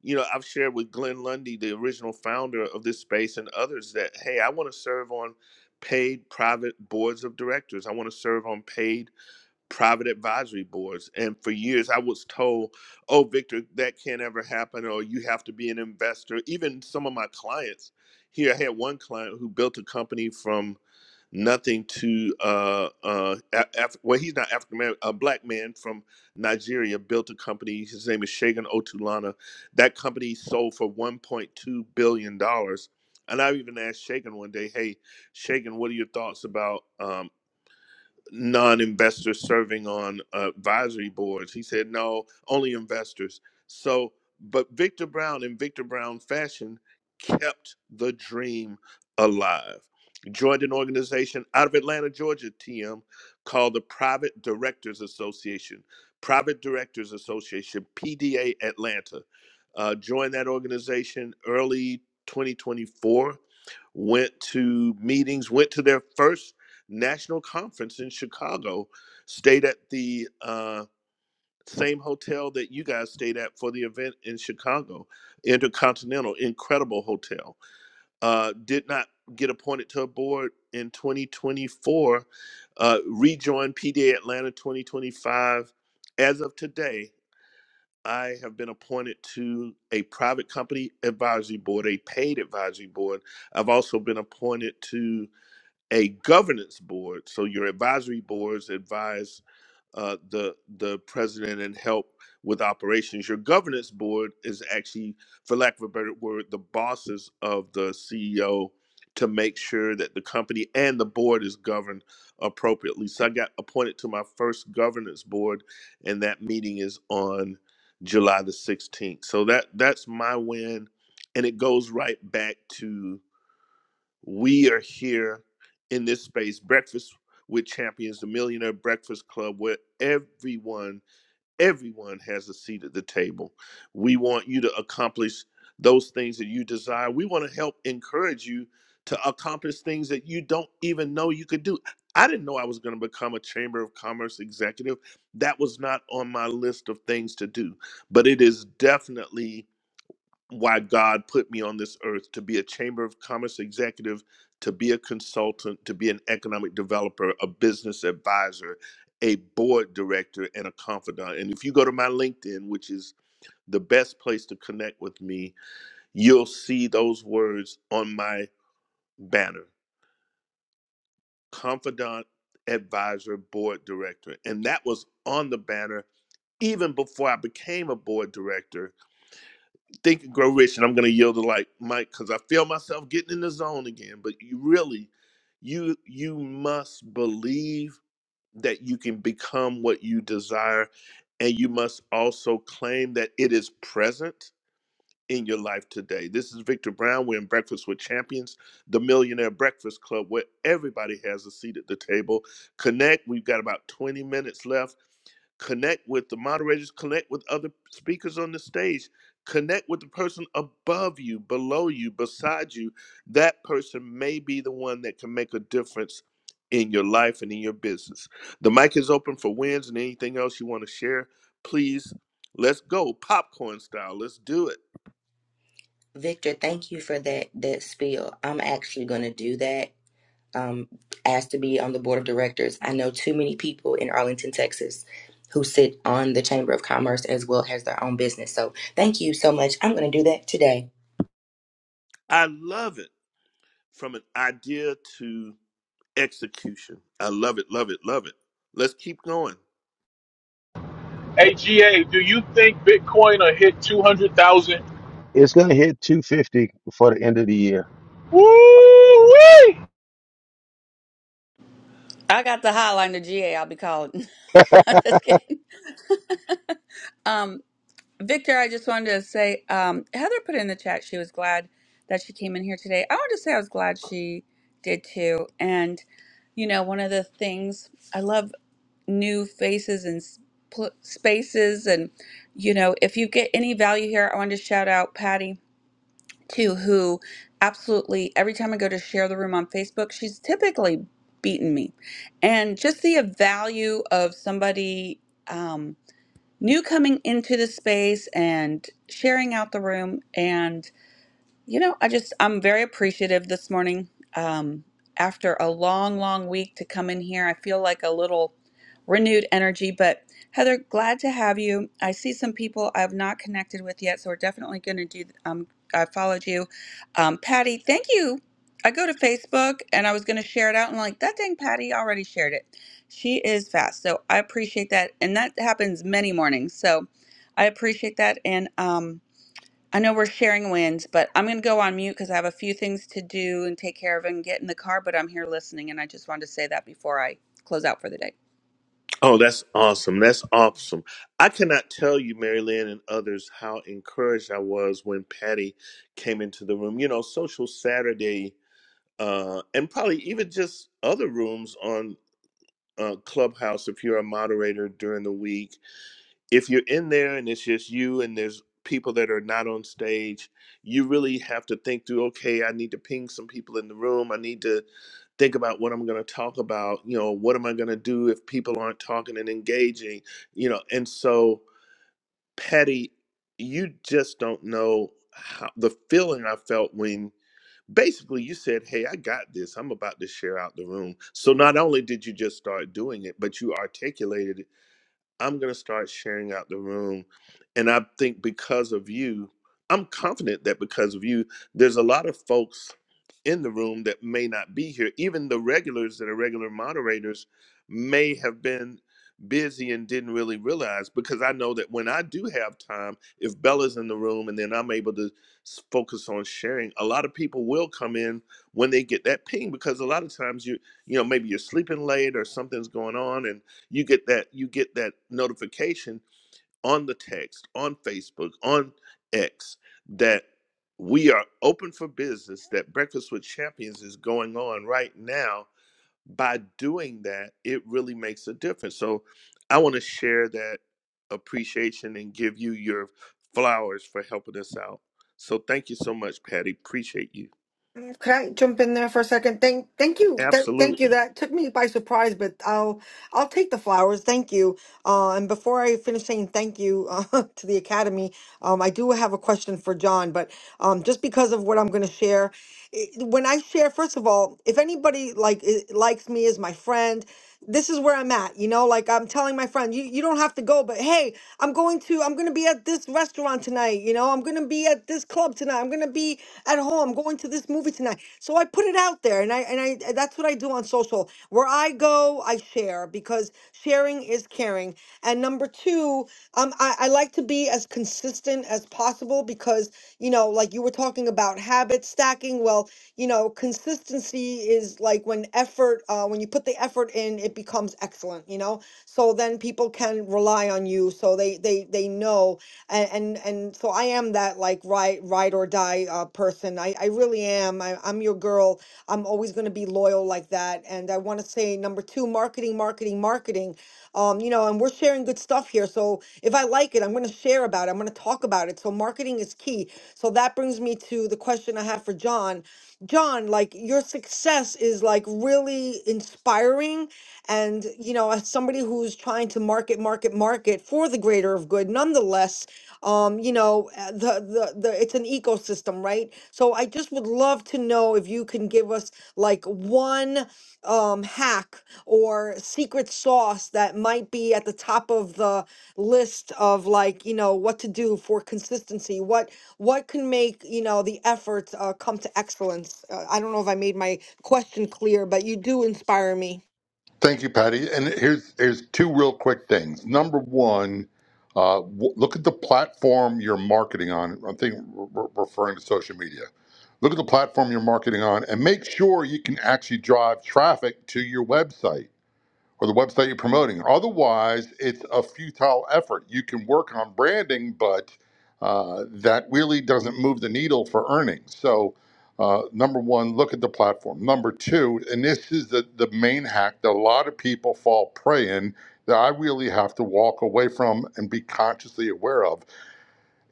Speaker 1: you know I've shared with Glenn Lundy, the original founder of this space, and others that hey, I want to serve on paid private boards of directors. I want to serve on paid private advisory boards. And for years, I was told, oh, Victor, that can't ever happen, or you have to be an investor. Even some of my clients here, I had one client who built a company from nothing to, uh, uh, Af- well, he's not African American, a black man from Nigeria built a company. His name is Shagan Otulana. That company sold for $1.2 billion. dollars. And I even asked Shagan one day, hey, Shagan, what are your thoughts about? um?" non-investors serving on uh, advisory boards. He said, no, only investors. So, but Victor Brown in Victor Brown fashion kept the dream alive. Joined an organization out of Atlanta, Georgia, TM, called the Private Directors Association, Private Directors Association, PDA Atlanta. Uh, joined that organization early 2024 went to meetings, went to their first national conference in Chicago, stayed at the uh, same hotel that you guys stayed at for the event in Chicago, Intercontinental, incredible hotel. Uh, did not get appointed to a board in 2024, uh, rejoined PDA Atlanta 2025. As of today, I have been appointed to a private company advisory board, a paid advisory board. I've also been appointed to a governance board. So your advisory boards advise uh, the the president and help with operations. Your governance board is actually, for lack of a better word, the bosses of the CEO to make sure that the company and the board is governed appropriately. So I got appointed to my first governance board, and that meeting is on July the 16th. So that that's my win, and it goes right back to we are here in this space, Breakfast with Champions, the Millionaire Breakfast Club, where everyone, everyone has a seat at the table. We want you to accomplish those things that you desire. We want to help encourage you to accomplish things that you don't even know you could do. I didn't know I was going to become a Chamber of Commerce executive. That was not on my list of things to do, but it is definitely why God put me on this earth to be a Chamber of Commerce executive, to be a consultant, to be an economic developer, a business advisor, a board director, and a confidant. And if you go to my LinkedIn, which is the best place to connect with me, you'll see those words on my banner confidant, advisor, board director. And that was on the banner even before I became a board director Think and Grow Rich, and I'm going to yield the like Mike because I feel myself getting in the zone again. But you really, you you must believe that you can become what you desire, and you must also claim that it is present in your life today. This is Victor Brown. We're in Breakfast with Champions, the Millionaire Breakfast Club, where everybody has a seat at the table. Connect. We've got about 20 minutes left. Connect with the moderators, connect with other speakers on the stage, connect with the person above you, below you, beside you. That person may be the one that can make a difference in your life and in your business. The mic is open for wins and anything else you want to share. Please, let's go popcorn style. Let's do it.
Speaker 4: Victor. Thank you for that that spiel. I'm actually going to do that. Um, asked to be on the board of directors. I know too many people in Arlington, Texas, who sit on the Chamber of Commerce as well as their own business. So thank you so much. I'm going to do that today.
Speaker 1: I love it from an idea to execution. I love it, love it, love it. Let's keep going.
Speaker 7: Hey, GA, do you think Bitcoin will hit two hundred thousand?
Speaker 10: It's going to hit 250 before the end of the year
Speaker 7: Woo!
Speaker 6: go. I got the hotline to GA. I'll be calling. I'm just kidding. Victor, I just wanted to say, um, Heather put in the chat she was glad that she came in here today. I wanted to say I was glad she did too. And, you know, one of the things I love new faces and s- pl- spaces. And, you know, if you get any value here, I wanted to shout out Patty too, who absolutely every time I go to share the room on Facebook, she's typically beaten me. And just the value of somebody. Um, new coming into the space and sharing out the room. And you know, I just, I'm very appreciative this morning. Um, after a long, long week to come in here, I feel like a little renewed energy. But Heather, glad to have you. I see some people I've not connected with yet, so we're definitely going to do, um, I followed you. Um, Patty, thank you. I go to Facebook and I was going to share it out and like, that dang Patty already shared it. She is fast. So I appreciate that. And that happens many mornings. So I appreciate that. And, um, I know we're sharing wins, but I'm going to go on mute because I have a few things to do and take care of and get in the car, but I'm here listening, and I just wanted to say that before I close out for the day.
Speaker 1: Oh, that's awesome. That's awesome. I cannot tell you, Mary Lynn and others, how encouraged I was when Patty came into the room. You know, Social Saturday, uh, and probably even just other rooms on uh, Clubhouse if you're a moderator during the week if you're in there and it's just you and there's people that are not on stage, you really have to think through, okay, I need to ping some people in the room. I need to think about what I'm going to talk about. You know, what am I going to do if people aren't talking and engaging? You know, and so, Patty, you just don't know how the feeling I felt when basically you said, Hey, I got this. I'm about to share out the room. So not only did you just start doing it, but you articulated it I'm going to start sharing out the room. And I think because of you, I'm confident that because of you, there's a lot of folks in the room that may not be here. Even the regulars that are regular moderators may have been busy and didn't really realize because I know that when I do have time, if Bella's in the room and then I'm able to s- focus on sharing, a lot of people will come in when they get that ping because a lot of times you you know maybe you're sleeping late or something's going on and you get that you get that notification on the text on facebook on x that we are open for business that breakfast with champions is going on right now by doing that it really makes a difference so i want to share that appreciation and give you your flowers for helping us out so thank you so much patty appreciate you
Speaker 2: Could I jump in there for a second? Thank, thank you, Th- thank
Speaker 1: absolutely
Speaker 2: you. That took me by surprise, but I'll, I'll take the flowers. Thank you. Uh, and before I finish saying thank you uh, to the academy, um, I do have a question for John. But um, just because of what I'm going to share, it, when I share, first of all, if anybody like i- likes me as my friend this is where I'm at. You know, like I'm telling my friend, you, you don't have to go, but hey, I'm going to, I'm going to be at this restaurant tonight. You know, I'm going to be at this club tonight. I'm going to be at home. I'm going to this movie tonight. So I put it out there and I, and I, and that's what I do on social. Where I go, I share because sharing is caring. And number two, um, I, I like to be as consistent as possible because, you know, like you were talking about habit stacking. Well, you know, consistency is like when effort, uh, when you when you put the effort in, it becomes excellent, you know? So then people can rely on you. So they they they know and and, and so I am that like ride ride or die uh, person. I, I really am. I, I'm your girl. I'm always gonna be loyal like that. And I wanna say number two, marketing, marketing, marketing. Um, you know, and we're sharing good stuff here. So if I like it, I'm gonna share about it. I'm gonna talk about it. So marketing is key. So that brings me to the question I have for John. John, like your success is like really inspiring and you know as somebody who's trying to market market market for the greater of good nonetheless um you know uh, the the, the it's an ecosystem right so i just would love to know if you can give us like one um hack or secret sauce that might be at the top of the list of like you know what to do for consistency what what can make you know the efforts uh, come to excellence uh, i don't know if i made my question clear, but you do inspire me.
Speaker 8: Thank you, Patty. And here's here's two real quick things. Number one, uh, w- look at the platform you're marketing on. I'm thinking re- re- referring to social media. Look at the platform you're marketing on, and make sure you can actually drive traffic to your website or the website you're promoting. Otherwise, it's a futile effort. You can work on branding, but uh, that really doesn't move the needle for earnings. So, uh, number one, look at the platform. Number two, and this is the, the main hack that a lot of people fall prey in that I really have to walk away from and be consciously aware of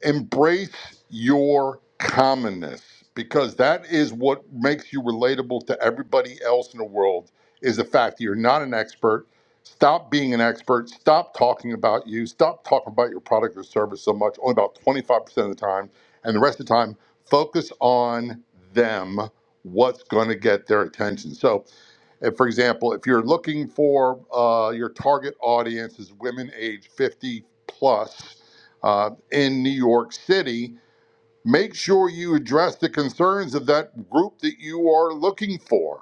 Speaker 8: embrace your commonness because that is what makes you relatable to everybody else in the world is the fact that you're not an expert stop being an expert stop talking about you stop talking about your product or service so much only about 25% of the time and the rest of the time focus on them what's going to get their attention so and for example, if you're looking for uh, your target audience is women age 50 plus uh, in New York City, make sure you address the concerns of that group that you are looking for.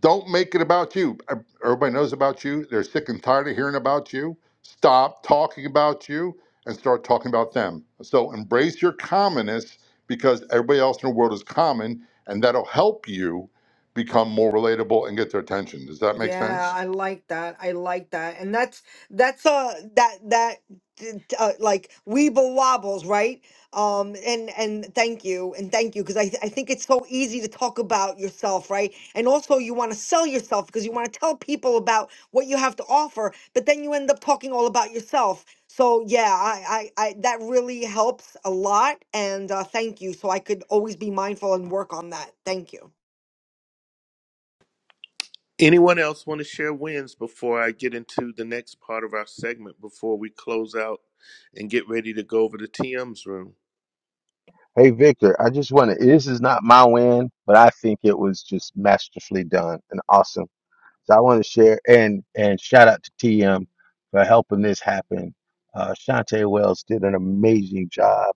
Speaker 8: Don't make it about you. E, Everybody knows about you. They're sick and tired of hearing about you. Stop talking about you and start talking about them. So embrace your commonness because everybody else in the world is common, and that'll help you become more relatable and get their attention. Does that make
Speaker 2: Yeah,
Speaker 8: sense?
Speaker 2: I like that. I like that. And that's that's So that that d- d- uh, like weeble wobbles, right? Um, and and thank you and thank you because I I think it's so easy to talk about yourself, right? And also you want to sell yourself because you want to tell people about what you have to offer, but then you end up talking all about yourself. So yeah, I I, I that really helps a lot, and uh, thank you. So I could always be mindful and work on that. Thank you.
Speaker 1: Anyone else want to share wins before I get into the next part of our segment before we close out and get ready to go over to TM's room?
Speaker 10: Hey Victor, I just want to. This is not my win, but I think it was just masterfully done and awesome. So I want to share and and shout out to TM for helping this happen. Uh, Shantae Wells did an amazing job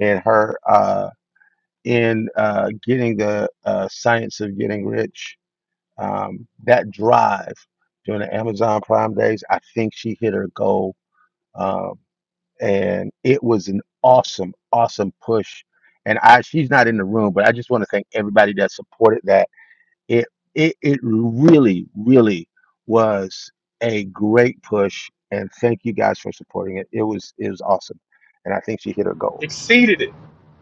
Speaker 10: in her uh, in uh, getting the uh, science of getting rich. Um, that drive during the Amazon Prime days, I think she hit her goal. um, and it was an awesome, awesome push. And I, she's not in the room, but I just want to thank everybody that supported that. It, it, it really, really was a great push, and thank you guys for supporting it. It was, it was awesome, and I think she hit her goal.
Speaker 7: exceeded it,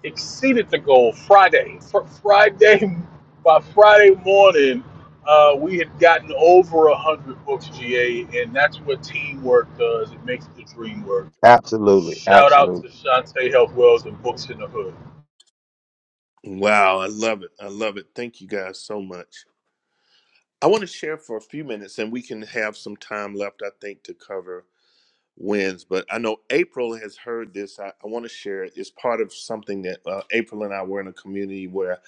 Speaker 7: exceeded the goal Friday. Fr- Friday, by Friday morning, uh, we had gotten over a hundred books GA, and that's what teamwork does. It makes the dream work.
Speaker 10: Absolutely,
Speaker 7: Shout out
Speaker 10: absolutely.
Speaker 7: to Shantae Health Wells and Books in the Hood.
Speaker 1: Wow, I love it. I love it. Thank you guys so much. I want to share for a few minutes and we can have some time left, I think, to cover wins. But I know April has heard this. I, I want to share it. It's part of something that uh, April and I were in a community where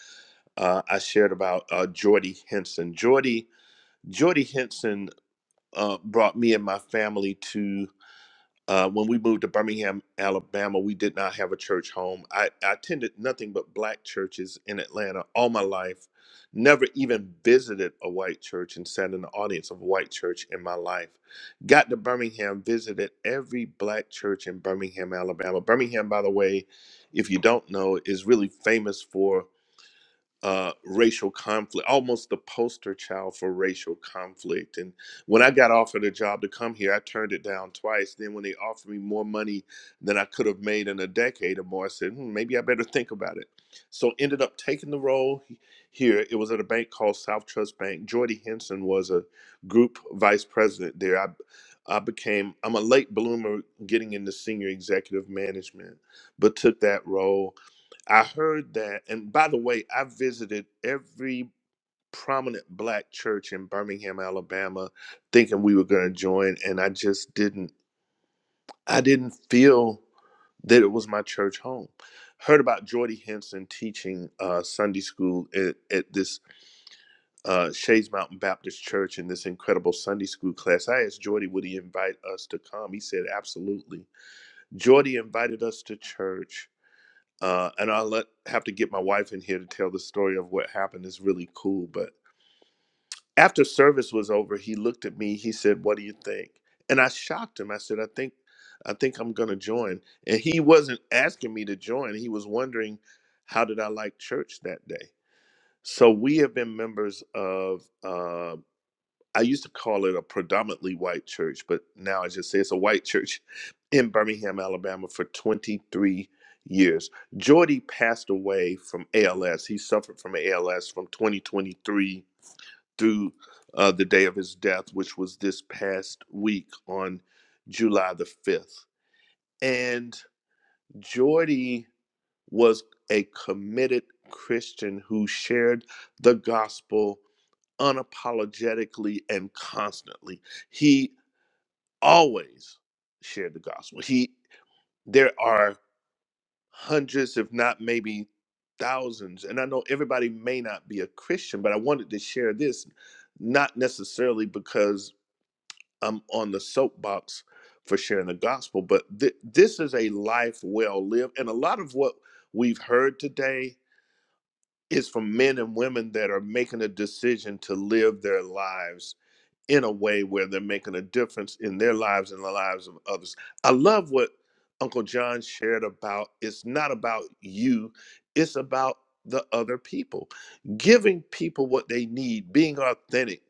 Speaker 1: uh, I shared about uh, Jordy Henson. Jordy, Jordy Henson uh, brought me and my family to Uh, when we moved to Birmingham, Alabama, we did not have a church home. I, I attended nothing but black churches in Atlanta all my life. Never even visited a white church and sat in the audience of a white church in my life. Got to Birmingham, visited every black church in Birmingham, Alabama. Birmingham, by the way, if you don't know, is really famous for uh, racial conflict, almost the poster child for racial conflict. And when I got offered a job to come here, I turned it down twice. Then when they offered me more money than I could have made in a decade or more, I said, hmm, maybe I better think about it. So ended up taking the role he- here. It was at a bank called South Trust Bank. Jordy Henson was a group vice president there. I, I became, I'm a late bloomer getting into senior executive management, but took that role I heard that. And by the way, I visited every prominent black church in Birmingham, Alabama, thinking we were going to join. And I just didn't, I didn't feel that it was my church home. Heard about Jordy Henson teaching uh, Sunday school at, at this uh, Shades Mountain Baptist Church in this incredible Sunday school class. I asked Jordy, would he invite us to come? He said, absolutely. Jordy invited us to church uh, and I'll let have to get my wife in here to tell the story of what happened. It's really cool. But after service was over, he looked at me. He said, "What do you think?" And I shocked him. I said, "I think, I think I'm going to join." And he wasn't asking me to join. He was wondering how did I like church that day. So we have been members of. uh, I used to call it a predominantly white church, but now I just say it's a white church in Birmingham, Alabama for 23 years. Jordy passed away from ALS. He suffered from ALS from 2023 through uh, the day of his death, which was this past week on July the 5th. And Jordy was a committed Christian who shared the gospel unapologetically and constantly he always shared the gospel. He there are hundreds, if not maybe thousands, and I know everybody may not be a Christian, but I wanted to share this, not necessarily because I'm on the soapbox for sharing the gospel, but th- this is a life well lived, and a lot of what we've heard today is from men and women that are making a decision to live their lives in a way where they're making a difference in their lives and the lives of others. I love what Uncle John shared about it's not about you, it's about the other people. Giving people what they need, being authentic,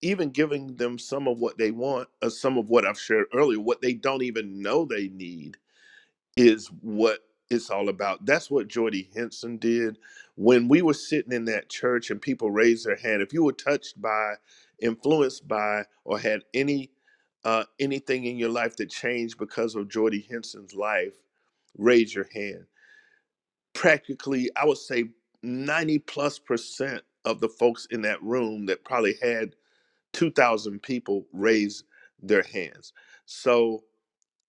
Speaker 1: even giving them some of what they want, or some of what I've shared earlier, what they don't even know they need is what it's all about. That's what Jordy Henson did. When we were sitting in that church and people raised their hand, if you were touched by, influenced by, or had any uh, anything in your life that changed because of Jordy Henson's life, raise your hand. Practically, I would say 90 plus percent of the folks in that room that probably had 2,000 people raise their hands. So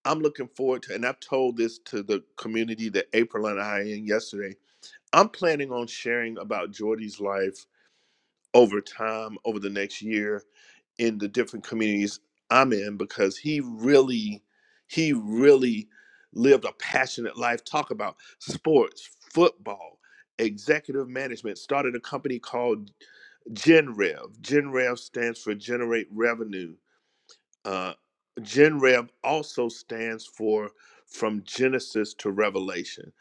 Speaker 1: I'm looking forward to, and I've told this to the community that April and I are in yesterday. I'm planning on sharing about Jordy's life over time, over the next year, in the different communities I'm in, because he really, he really lived a passionate life. Talk about sports, football, executive management. Started a company called GenRev. GenRev stands for Generate Revenue uh, Gen Rev also stands for From Genesis to Revelation.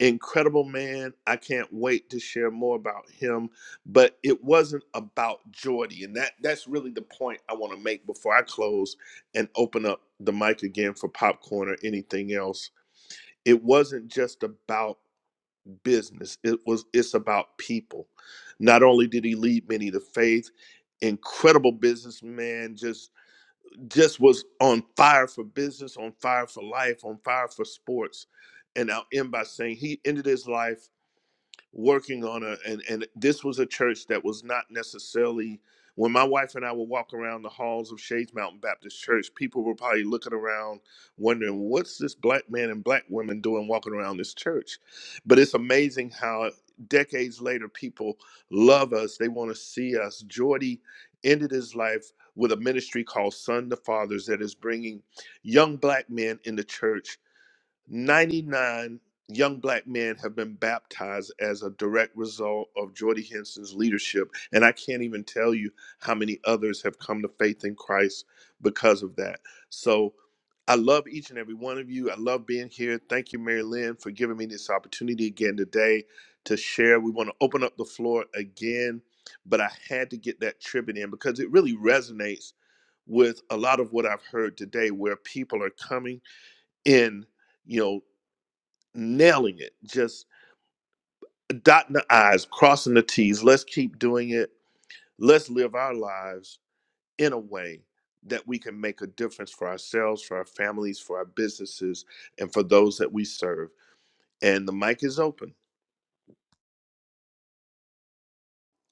Speaker 1: Incredible man. I can't wait to share more about him. But it wasn't about Jordy. And that, that's really the point I want to make before I close and open up the mic again for popcorn or anything else. It wasn't just about business. It was it's about people. Not only did he lead many to faith, incredible businessman, just just was on fire for business, on fire for life, on fire for sports. And I'll end by saying he ended his life working on a and and this was a church that was not necessarily when my wife and I would walk around the halls of Shades Mountain Baptist Church, people were probably looking around wondering what's this black man and black woman doing walking around this church. But it's amazing how decades later people love us. They want to see us. Jordy ended his life with a ministry called Son to Fathers that is bringing young black men in the church 99 young black men have been baptized as a direct result of Jordy Henson's leadership. And I can't even tell you how many others have come to faith in Christ because of that. So I love each and every one of you. I love being here. Thank you, Mary Lynn, for giving me this opportunity again today to share. We want to open up the floor again, but I had to get that tribute in because it really resonates with a lot of what I've heard today, where people are coming in you know nailing it, just dotting the I's, crossing the T's. Let's keep doing it. Let's live our lives in a way that we can make a difference for ourselves, for our families, for our businesses, and for those that we serve. And the mic is open.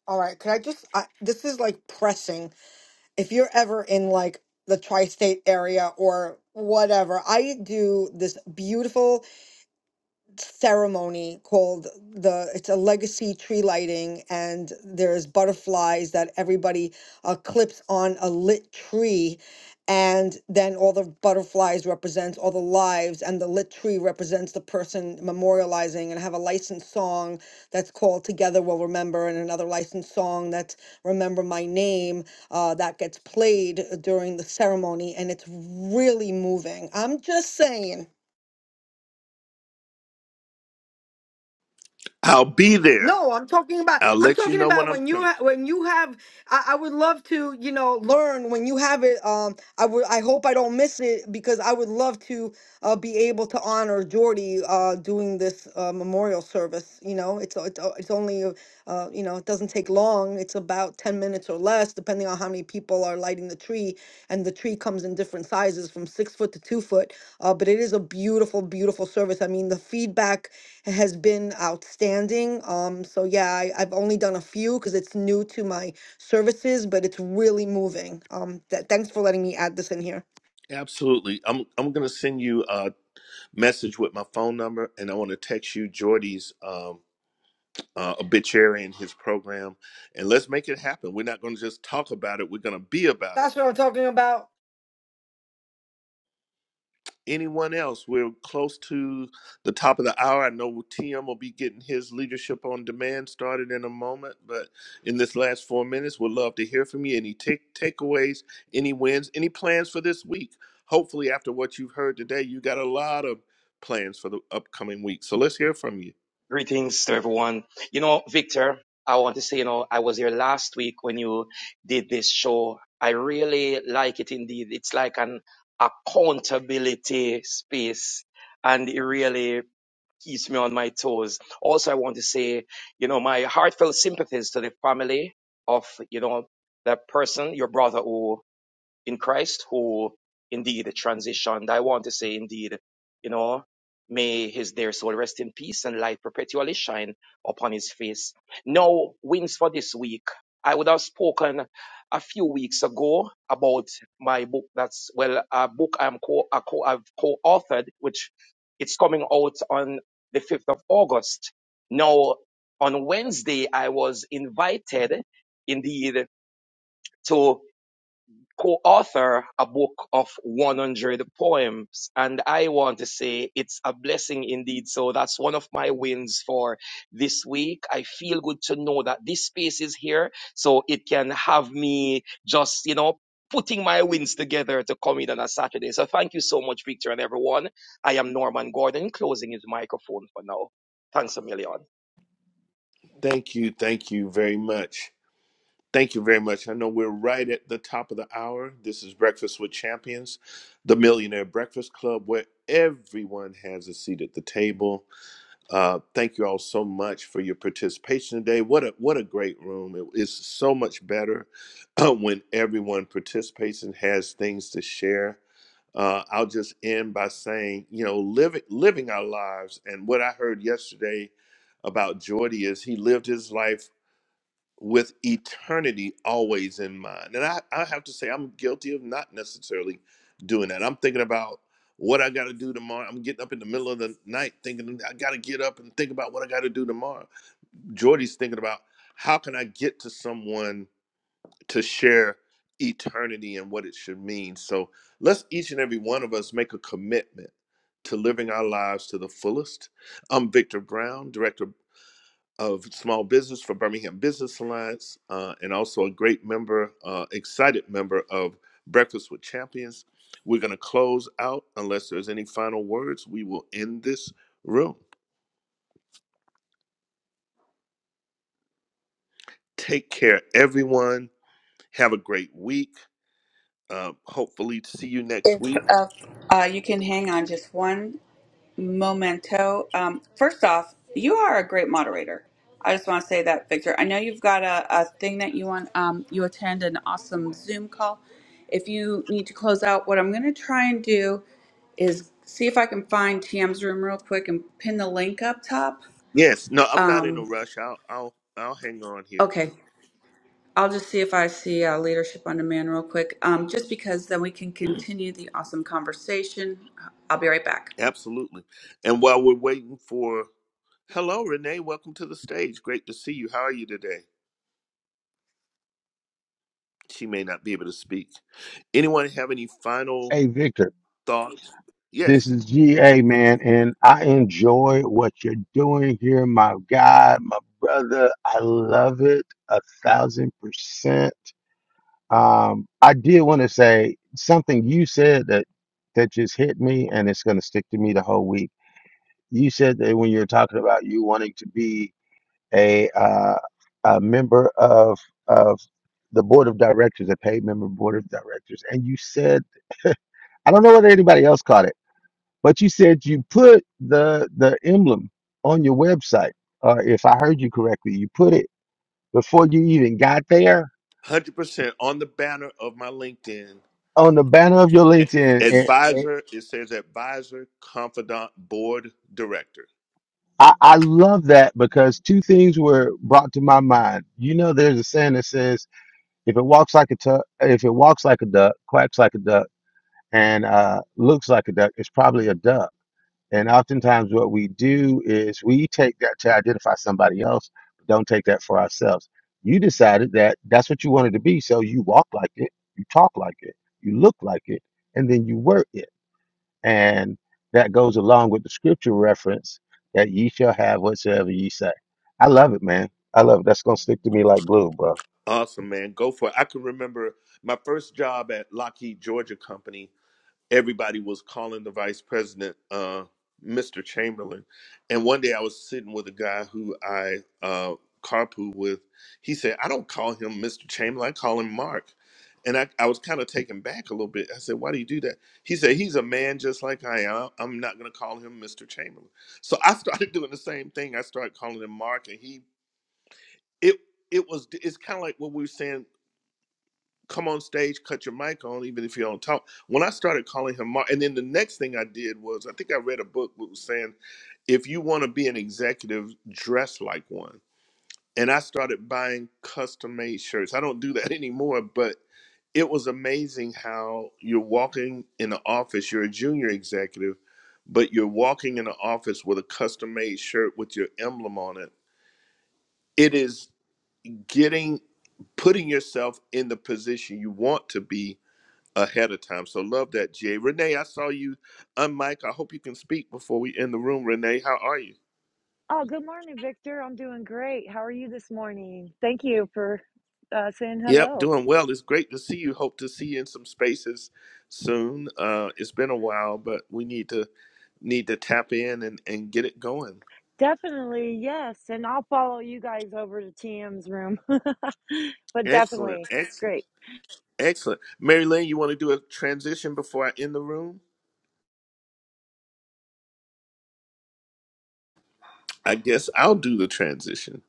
Speaker 2: All right, could I just I, this is like pressing. If you're ever in like the tri-state area or whatever, I do this beautiful ceremony called the it's a legacy tree lighting and there's butterflies that everybody uh, clips on a lit tree and then all the butterflies represent all the lives and the lit tree represents the person memorializing and have a licensed song that's called together we'll remember and another licensed song that's remember my name uh, that gets played uh, during the ceremony and it's really moving i'm just saying
Speaker 1: I'll be there.
Speaker 2: No, I'm talking about
Speaker 1: I'll
Speaker 2: I'm
Speaker 1: let you
Speaker 2: talking
Speaker 1: know
Speaker 2: about
Speaker 1: when I'm
Speaker 2: when you
Speaker 1: coming.
Speaker 2: ha- when you have I, I would love to, you know, learn when you have it um I would I hope I don't miss it because I would love to uh, be able to honor Jordy uh doing this uh, memorial service, you know. It's it's, uh, it's only uh uh, you know, it doesn't take long. It's about 10 minutes or less depending on how many people are lighting the tree and the tree comes in different sizes from 6 foot to 2 foot. Uh but it is a beautiful beautiful service. I mean, the feedback has been outstanding. Um, so yeah, I, I've only done a few because it's new to my services, but it's really moving. Um, th- thanks for letting me add this in here.
Speaker 1: Absolutely. I'm I'm gonna send you a message with my phone number and I wanna text you Jordy's um uh, obituary and his program and let's make it happen. We're not gonna just talk about it, we're gonna be about it
Speaker 2: That's what I'm talking about.
Speaker 1: anyone else? We're close to the top of the hour. I know TM will be getting his leadership on demand started in a moment, but in this last four minutes, we'd love to hear from you. Any take takeaways, any wins, any plans for this week? Hopefully, after what you've heard today, you got a lot of plans for the upcoming week. So let's hear from you.
Speaker 11: Greetings to everyone. You know, Victor, I want to say, you know, I was here last week when you did this show. I really like it indeed. It's like an accountability space and it really keeps me on my toes. Also, I want to say, you know, my heartfelt sympathies to the family of, you know, that person, your brother who in Christ who indeed transitioned. I want to say indeed, you know, may his dear soul rest in peace and light perpetually shine upon his face. Now, wins for this week. I would have spoken a few weeks ago about my book. That's well, a book I'm co, a co I've co-authored, which it's coming out on the 5th of August. Now, on Wednesday, I was invited indeed to co-author a book of 100 poems and i want to say it's a blessing indeed so that's one of my wins for this week i feel good to know that this space is here so it can have me just you know putting my wins together to come in on a saturday so thank you so much victor and everyone i am norman gordon closing his microphone for now thanks a million
Speaker 1: Thank you. Thank you very much. Thank you very much. I know we're right at the top of the hour. This is Breakfast with Champions, the Millionaire Breakfast Club, where everyone has a seat at the table. Uh, thank you all so much for your participation today. What a what a great room! It is so much better when everyone participates and has things to share. Uh, I'll just end by saying, you know, living living our lives, and what I heard yesterday about Jordy is he lived his life with eternity always in mind. And I, I have to say, I'm guilty of not necessarily doing that. I'm thinking about what I got to do tomorrow. I'm getting up in the middle of the night thinking, I got to get up and think about what I got to do tomorrow. Jordy's thinking about how can I get to someone to share eternity and what it should mean. So let's each and every one of us make a commitment to living our lives to the fullest. I'm Victor Brown, Director of of small business for Birmingham Business Alliance, uh, and also a great member, uh, excited member of Breakfast with Champions. We're going to close out. Unless there's any final words, we will end this room. Take care, everyone. Have a great week. Um, hopefully, to see you next
Speaker 6: If
Speaker 1: week.
Speaker 6: uh, uh, you can hang on just one momento. Um, first off, you are a great moderator. I just want to say that, Victor. I know you've got a, a thing that you want, um, you attend an awesome Zoom call. If you need to close out, what I'm going to try and do is see if I can find TM's room real quick and pin the link up top.
Speaker 1: Yes, no, I'm not in
Speaker 6: Um,
Speaker 1: a rush. I'll, I'll, I'll hang on here.
Speaker 6: Okay, I'll just see if I see uh, leadership on demand real quick, um, just because then we can continue the awesome conversation. I'll be right back.
Speaker 1: Absolutely. And while we're waiting for, hello, Renee, welcome to the stage. Great to see you. How are you today? She may not be able to speak. Anyone have any final
Speaker 10: Hey, Victor,
Speaker 1: thoughts?
Speaker 10: this
Speaker 1: Yes,
Speaker 10: is GA man, and I enjoy what you're doing here, my guy, my brother. I love it a thousand percent. Um, I did want to say something you said that that just hit me, and it's going to stick to me the whole week. You said that when you were talking about you wanting to be a uh, a member of of the board of directors, a paid member board of directors, and you said I don't know whether anybody else caught it, but you said you put the the emblem on your website, or if I heard you correctly, you put it before you even got there
Speaker 1: 100% on the banner of my LinkedIn.
Speaker 10: on the banner of your
Speaker 1: a-
Speaker 10: LinkedIn.
Speaker 1: Advisor, it says advisor, confidant, board director.
Speaker 10: I, I love that because two things were brought to my mind. You know, there's a saying that says, "If it walks like a tu- if it walks like a duck, quacks like a duck, and uh, looks like a duck, it's probably a duck." And oftentimes, what we do is we take that to identify somebody else, but don't take that for ourselves. You decided that that's what you wanted to be, so you walk like it, you talk like it, you look like it, and then you were it. And that goes along with the scripture reference that ye shall have whatsoever ye say. I love it, man. I love it. That's going to stick to me like glue, bro.
Speaker 1: Awesome, man. Go for it. I can remember my first job at Lockheed Georgia Company. everybody was calling the vice president uh, Mr. Chamberlain. And one day I was sitting with a guy who I uh, carpool with. He said, I don't call him Mr. Chamberlain, I call him Mark. And I, I was kind of taken back a little bit. I said, Why do you do that? He said, He's a man just like I am. I'm not going to call him Mr. Chamberlain. So I started doing the same thing. I started calling him Mark, and he, it, it was, it's kind of like what we were saying come on stage, cut your mic on, even if you don't talk. When I started calling him Mark, and then the next thing I did was I think I read a book that was saying, if you want to be an executive, dress like one. And I started buying custom made shirts. I don't do that anymore, but it was amazing how you're walking in the office, you're a junior executive, but you're walking in the office with a custom made shirt with your emblem on it. It is getting putting yourself in the position you want to be ahead of time. So love that, Jay. Renee, I saw you on I hope you can speak before we end the room. Renee, how are you?
Speaker 12: Oh, good morning, Victor. I'm doing great. How are you this morning? Thank you for uh, saying
Speaker 1: Yep,
Speaker 12: hello.
Speaker 1: doing well. It's great to see you. Hope to see you in some spaces soon. Uh, it's been a while, but we need to need to tap in and, and get it going.
Speaker 12: Definitely, yes. And I'll follow you guys over to TM's room. but
Speaker 1: Excellent,
Speaker 12: definitely,
Speaker 1: excellent,
Speaker 12: great.
Speaker 1: excellent. Mary Lynn, you want to do a transition before I end the room? I guess I'll do the transition.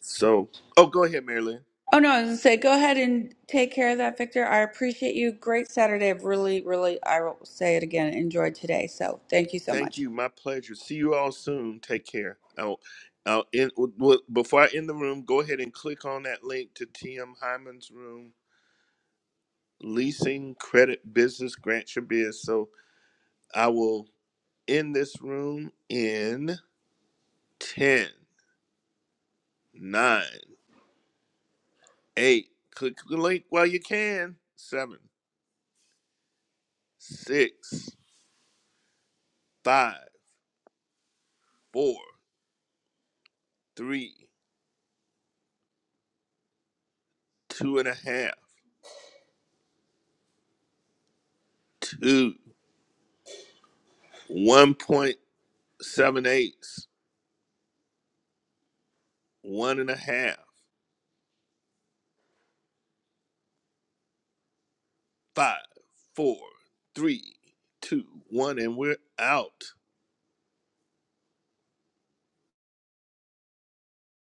Speaker 1: So, oh, go ahead, Mary Lynn.
Speaker 6: Oh no, I was gonna say, go ahead and take care of that, Victor. I appreciate you. Great Saturday. I've really, really, I will say it again, enjoyed today. So thank you so
Speaker 1: Thank
Speaker 6: much.
Speaker 1: you. My pleasure. See you all soon. Take care. I'll, I'll end, well, before I end the room, go ahead and click on that link to TM Hyman's room, Leasing Credit Business Grant Your Biz. So I will end this room in ten, nine, 8. Click the link while you can. Seven, six, five, four, three, two and a half, 6, and a half, Five, four, three, two, one, and we're out.